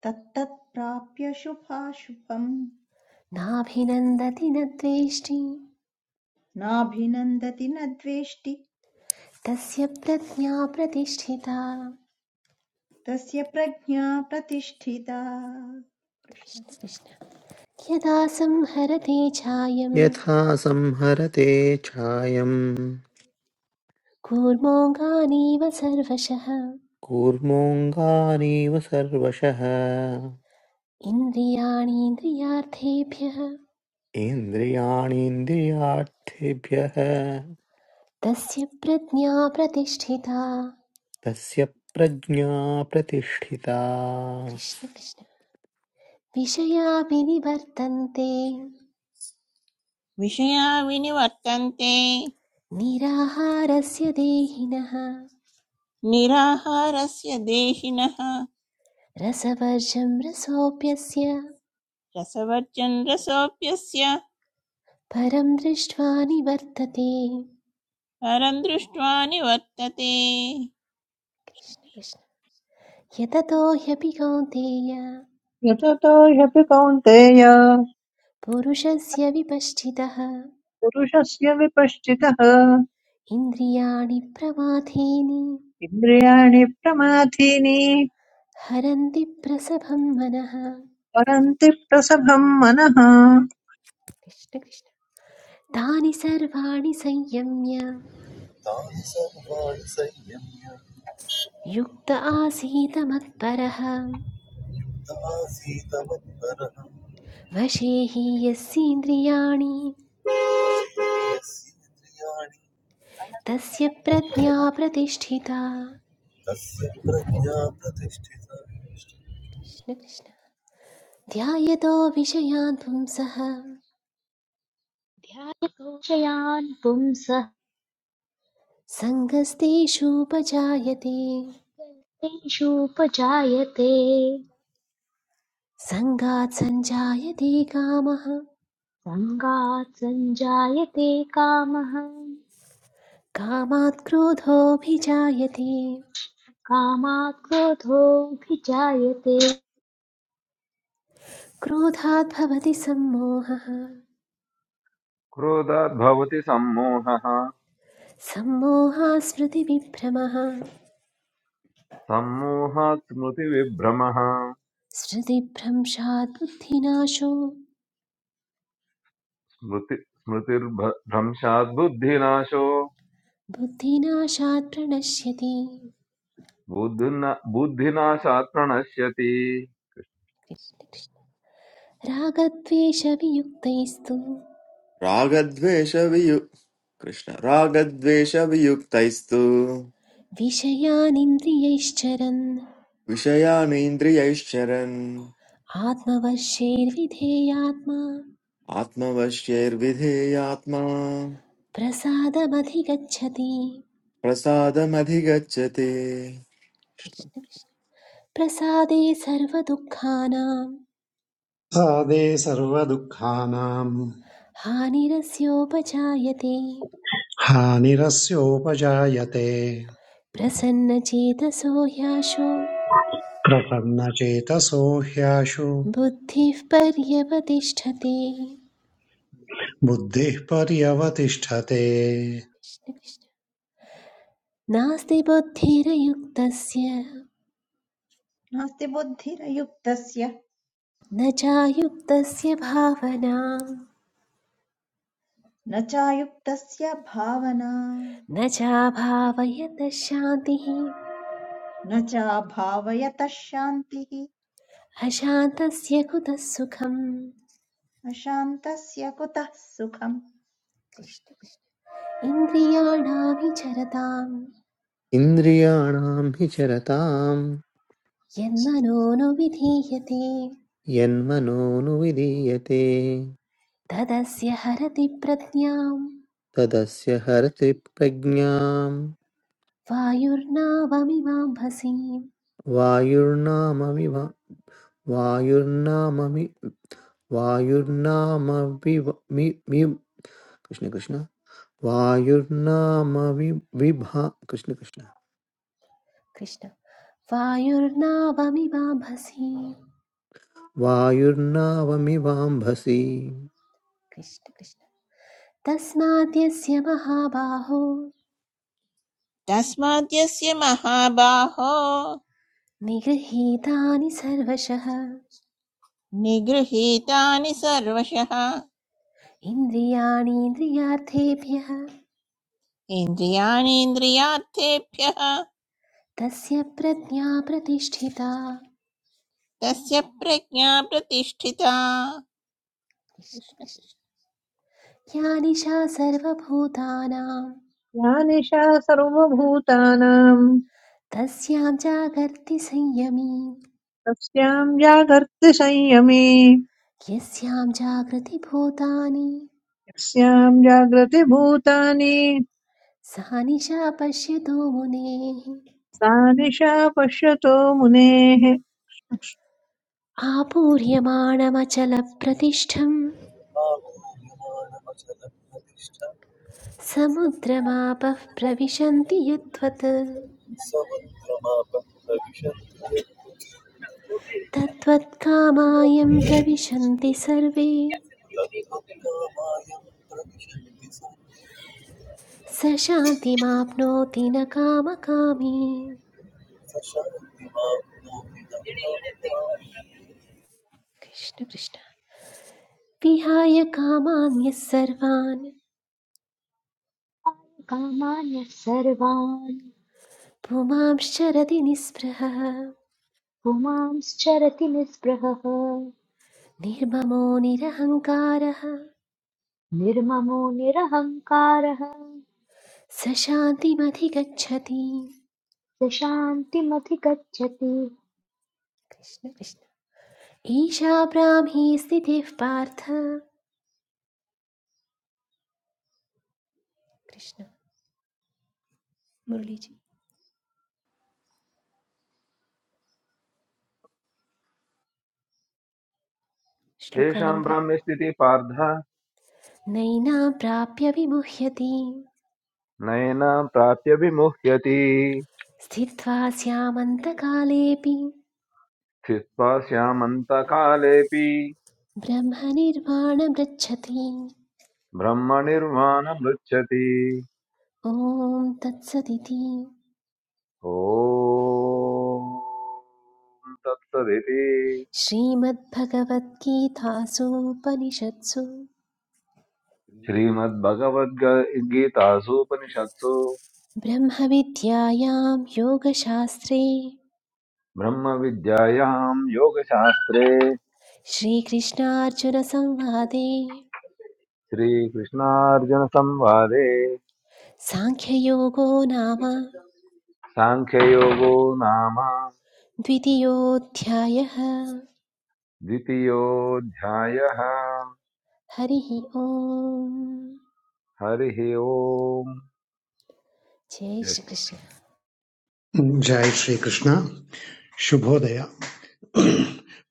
तत्तत्प्राप्य शुभाशुभम् नाभिनन्दति न द्वेष्टि नाभिनन्दति न द्वेष्टि तस्य प्रज्ञा प्रतिष्ठिता तस्य प्रज्ञा प्रतिष्ठिता कृष्ण कृष्ण यदा संहरते छायम् यथा संहरते छायम् कूर्मोऽङ्गानीव सर्वशः कूर्मोऽङ्गानीव सर्वशः इन्द्रियाणीन्द्रियार्थेभ्यः इन्द्रियाणीन्द्रियार्थेभ्यः तस्य प्रज्ञा प्रतिष्ठिता तस्य प्रज्ञा प्रतिष्ठिता कृष्ण कृष्ण विषया विनिवर्तन्ते विषया विनिवर्तन्ते निराहारस्य देहिनः निराहारस्य देहिनः रसवर्जं रसोऽप्यस्य रसवर्जन् रसोऽप्यस्य परं दृष्ट्वा निवर्तते परं दृष्ट्वा निवर्तते कृष्ण कृष्ण यततो ह्यपि कौन्तेय यततो ह्यपि कौन्तेय पुरुषस्य विपश्चितः पुरुषस्य विपश्चितः इन्द्रियाणि प्रमाथेनि इन्द्रियाणि प्रमाथीनि हरन्ति प्रसभं मनः परन्ति प्रसभं मनः कृष्ण कृष्ण तानि सर्वाणि संयम्य तानि सर्वाणि संयम्य युक्त आसीत् मत्परः त आसीत मत्परः वशे हि यस्येन्द्रियाणि यस्य इन्द्रियाणि तस्य प्रज्ञा प्रतिष्ठिता तस्य प्रज्ञा प्रतिष्ठिता कृष्ण कृष्ण ध्यायतो विषयान् पुंसः ध्यायतोषयान् पुंसः सङ्गस्तेषूपजायते तेषूपजायते सङ्गात् सञ्जायते कामः सङ्गात् सञ्जायते कामः कामात् क्रोधोऽभिजायते कामात् क्रोधोऽभिजायते क्रोधात् भवति सम्मोहः क्रोधाद्भवति सम्मोहः सम्मोहा स्मृतिविभ्रमः सम्मोहात् स्मृतिविभ्रमः स्मृतिभ्रंशात् बुद्धिनाशो स्मृति स्मृतिर्भ्रंशात् बुद्धिनाशो बुद्धिनाशात् प्रणश्यति बुद्धिना बुद्धिनाशात् प्रणश्यति रागद्वेषवियुक्तैस्तु Ragadveshavyu, Krishna, Ragadveshavyuktaistu, विषयानिन्द्रियैश्चरन् Vishayaani Indriyaishcharen, आत्मवर्षेर्विधेयात्मा Atma Vaschayurvedheyatma, प्रसादमधिगच्छति Prasadamadhi Gachete, प्रसादे सर्वदुःखानां सादे सर्वदुःखानां हानिरस्योपजायते हानिरस्योपजायते प्रसन्नचेतसो ह्याशो प्रसन्नचेतसो ह्याशु बुद्धिः पर्यवतिष्ठते बुद्धिः पर्यवतिष्ठते कृष्ण, कृष्ण। नास्ति बुद्धिरयुक्तस्य नास्ति बुद्धिरयुक्तस्य न चायुक्तस्य भावना न चायुक्तस्य भावना न चाभावयत शान्तिः न चाभावयतः शान्तिः अशान्तस्य कुतः सुखम् अशान्तस्य कुतः सुखम् कृष्ण। कृष्ण- इन्द्रियाणां विचरतां इन्द्रियाणां हि चरतां यन्मनो न विधीयते यन्मनोनुविधीयते तदस्य हरति प्रज्ञां तदस्य हरति प्रज्ञां वायुर्नावमिवाम्भसीं वायुर्नाममिव वायुर्नाममि वायुर्नामविव कृष्ण कृष्ण वायुर्नाम वि- विभा कृष्ण कृष्ण कृष्ण वायुर्नावमिवाम्भसि वायुर्नावमिवाम्भसि कृष्ण कृष्ण तस्मात् यस्य महाबाहो तस्माद्यस्य महाबाहो निगृहीतानि सर्वशः निगृहीतानि सर्वशः इन्द्रियाणीन्द्रियार्थेभ्यः इन्द्रियाणीन्द्रियार्थेभ्यः तस्य प्रज्ञा प्रतिष्ठिता तस्य प्रज्ञा प्रतिष्ठिता कृष्ण कृष्ण कृष्ण कृष्ण या निशा सर्वभूतानां या निशा सर्वभूतानां तस्यां जागर्ति संयमी तस्यां जागर्ति संयमे यस्यां जागृति भूतानि यस्यां जागृतिभूतानि सा निशा पश्यतो मुनेः सा निशा पश्यतो मुनेः जय आपूर्यमाणमचलप्रतिष्ठं आमूल्यमाणमचलप्रतिष्ठा समुद्रमापः प्रविशन्ति यद्वत् समुद्रमापः प्रविशन्ति तद्वत्कामायं प्रविशन्ति सर्वे तत्त्वकामायं प्रविशन्ति स स शान्तिमाप्नोति न कामकामी स शान्तिमां कृष्ण कृष्ण विहाय कामान्यः सर्वान् कामान्यः सर्वान् पुमांश्चरति निःस्पृहः पुमांश्चरति निःस्पृहः निर्ममो निरहङ्कारः निर्ममो निरहङ्कारः स शान्तिमधिगच्छति स शान्तिमधिगच्छति कृष्ण कृष्ण ईशा ब्राह्मी स्थितिः पार्थ कृष्ण मुरलीजी श्लोका येषां नम्बर् भ्राम्यस्थिति पार्थ नैनां प्राप्य विमुह्यति नैनां प्राप्य विमुह्यति स्थित्वा स्यामन्तकालेऽपि स्थित्वा श्यामन्तकालेऽपि ब्रह्मनिर्वाणमृच्छति ब्रह्मनिर्वाणमृच्छति ॐ तत्सदिति ॐ तत्सदिति श्रीमद्भगवद्गीतासूपनिषत्सु श्रीमद्भगवद्गीतासूपनिषत्सु ब्रह्मविद्यायां योगशास्त्रे ब्रह्मविद्यायां योगशास्त्रे श्रीकृष्णार्जुनसंवादे श्रीकृष्णार्जुनसंवादे साङ्ख्ययोगो नाम साङ्ख्ययोगो नाम द्वितीयोऽध्यायः द्वितीयोऽध्यायः हरिः ओम् हरिः ओम् जय जय श्रीकृष्ण जय Shri Krishna शुभोदय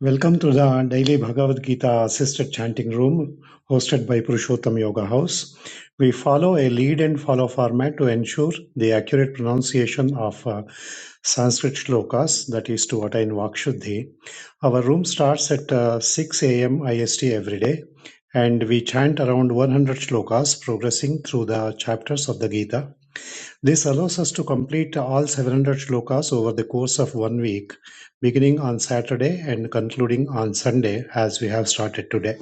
Welcome to the daily Bhagavad Gita assisted chanting room hosted by Purushottam Yoga House. We follow a lead and follow format to ensure the accurate pronunciation of uh, Sanskrit shlokas, that is to attain Vakshuddhi. Our room starts at uh, 6 a.m. IST every day and we chant around 100 shlokas progressing through the chapters of the Gita this allows us to complete all 700 shlokas over the course of one week, beginning on Saturday and concluding on Sunday, as we have started today.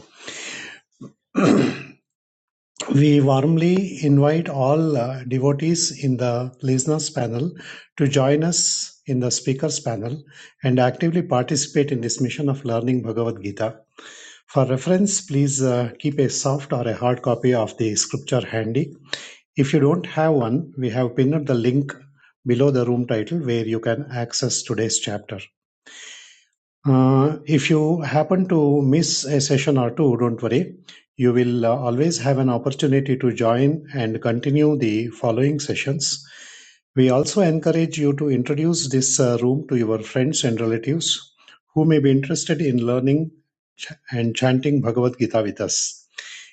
We warmly invite all uh, devotees in the listeners panel to join us in the speakers panel and actively participate in this mission of learning Bhagavad Gita. For reference, please uh, keep a soft or a hard copy of the scripture handy If you don't have one, we have pinned the link below the room title where you can access today's chapter. Uh, if you happen to miss a session or two, don't worry. You will uh, always have an opportunity to join and continue the following sessions. We also encourage you to introduce this uh, room to your friends and relatives who may be interested in learning ch- and chanting Bhagavad Gita with us.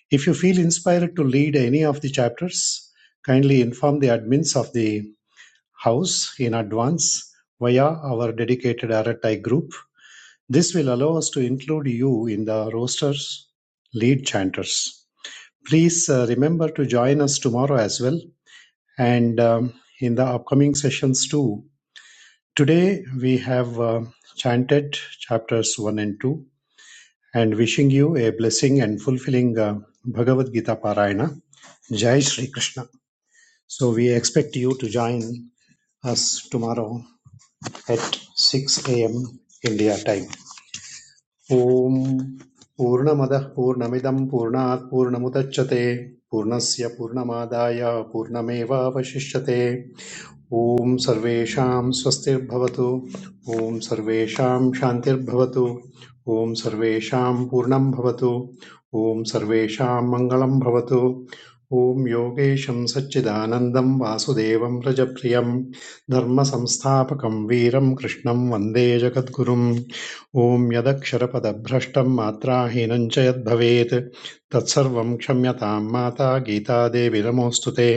If you feel inspired to lead any of the chapters, kindly inform the admins of the house in advance via our dedicated RTI group. This will allow us to include you in the roster's lead chanters. Please uh, remember to join us tomorrow as well and um, in the upcoming sessions too. Today we have uh, chanted chapters 1 and 2 and wishing you a blessing and fulfilling uh, Bhagavad Gita Parayana. Jai Shri Krishna. So we expect you to join us tomorrow at 6 a.m. India time. Om Purnamada Purnamidam Purnat Purnamudatchate Purnasya Purnamadaya Purnameva Vashishyate ॐ सर्वेषां स्वस्तिर्भवतु ॐ सर्वेषां शान्तिर्भवतु ॐ सर्वेषां पूर्णं भवतु ॐ सर्वेषां मङ्गलं भवतु ॐ योगेशं सच्चिदानन्दं वासुदेवं रजप्रियं धर्मसंस्थापकं वीरं कृष्णं वन्दे जगद्गुरुम् ॐ यदक्षरपदभ्रष्टं मात्राहीनं च यद्भवेत् तत्सर्वं क्षम्यतां माता गीतादेवी नमोऽस्तु ते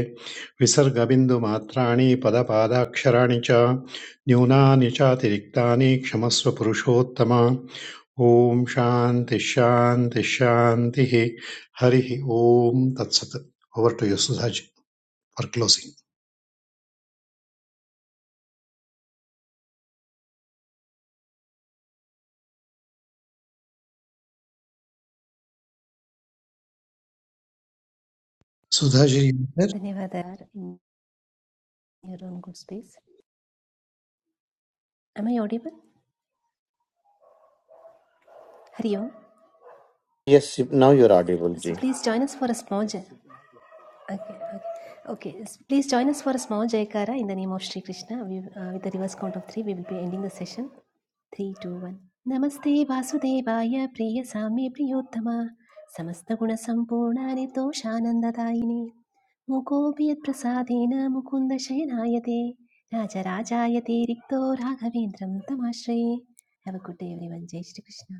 विसर्गबिन्दुमात्राणि पदपादाक्षराणि च न्यूनानि चातिरिक्तानि क्षमस्व पुरुषोत्तम ॐ शान्तिः शान्तिः शान्तिः हरिः ॐ तत्सत् over to you Sudhaji for closing Sudhaji धन्यवाद in your own good space. Am I audible? Hari Om. Yes, now you're audible, Ji. So please join us for a small jai. Okay, okay. Okay, s- please join us for a small Jaikara in the name of Shri Krishna. We, uh, with the reverse count of three, we will be ending the session. Three two one నమస్తే వాసుదేవాయ ప్రియ సామ్య ప్రియోత్తమ సమస్త గుణ సంపూర్ణ నిర్దోషానందదాయిని ముకోపి యత్ప్రసాదేన ముకుంద శయనాయతే రాజరాజాయతే రిక్తో రాఘవేంద్రం తమాశ్రయే have a good day everyone. ಜೈ ಶ್ರೀಕೃಷ್ಣ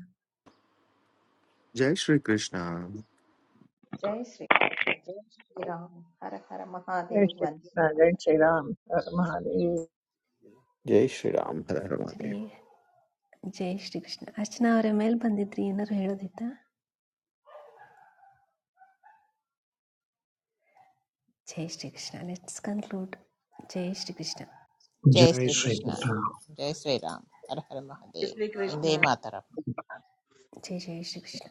Jay Shri Krishna. जय श्री जय श्रीराम हर हर महादेव वन्दे श्रीकृष्ण जय मातरम् श्रीराम हर हर महादेव Jai Shri Ram. हर हर महादेव ಹರೇ ಜೈ ಶ್ರೀಕೃಷ್ಣ ಅರ್ಚನಾ ಅವರ ಮೇಲೆ ಬಂದಿದ್ರಿ ಏನಾರು ಹೇಳೋದಿತ್ತಾ ಜೈ ಶ್ರೀಕೃಷ್ಣ ಲೆಟ್ಸ್ ಕನ್ಕ್ಲೂಡ್ ಜೈ ಶ್ರೀಕೃಷ್ಣ जय जय श्री श्रीकृष्ण कृष्ण जय श्रीराम हर हर Jai Shri महादेव वन्दे Krishna मातरम् ಜೈ ಜೈ ಶ್ರೀಕೃಷ್ಣ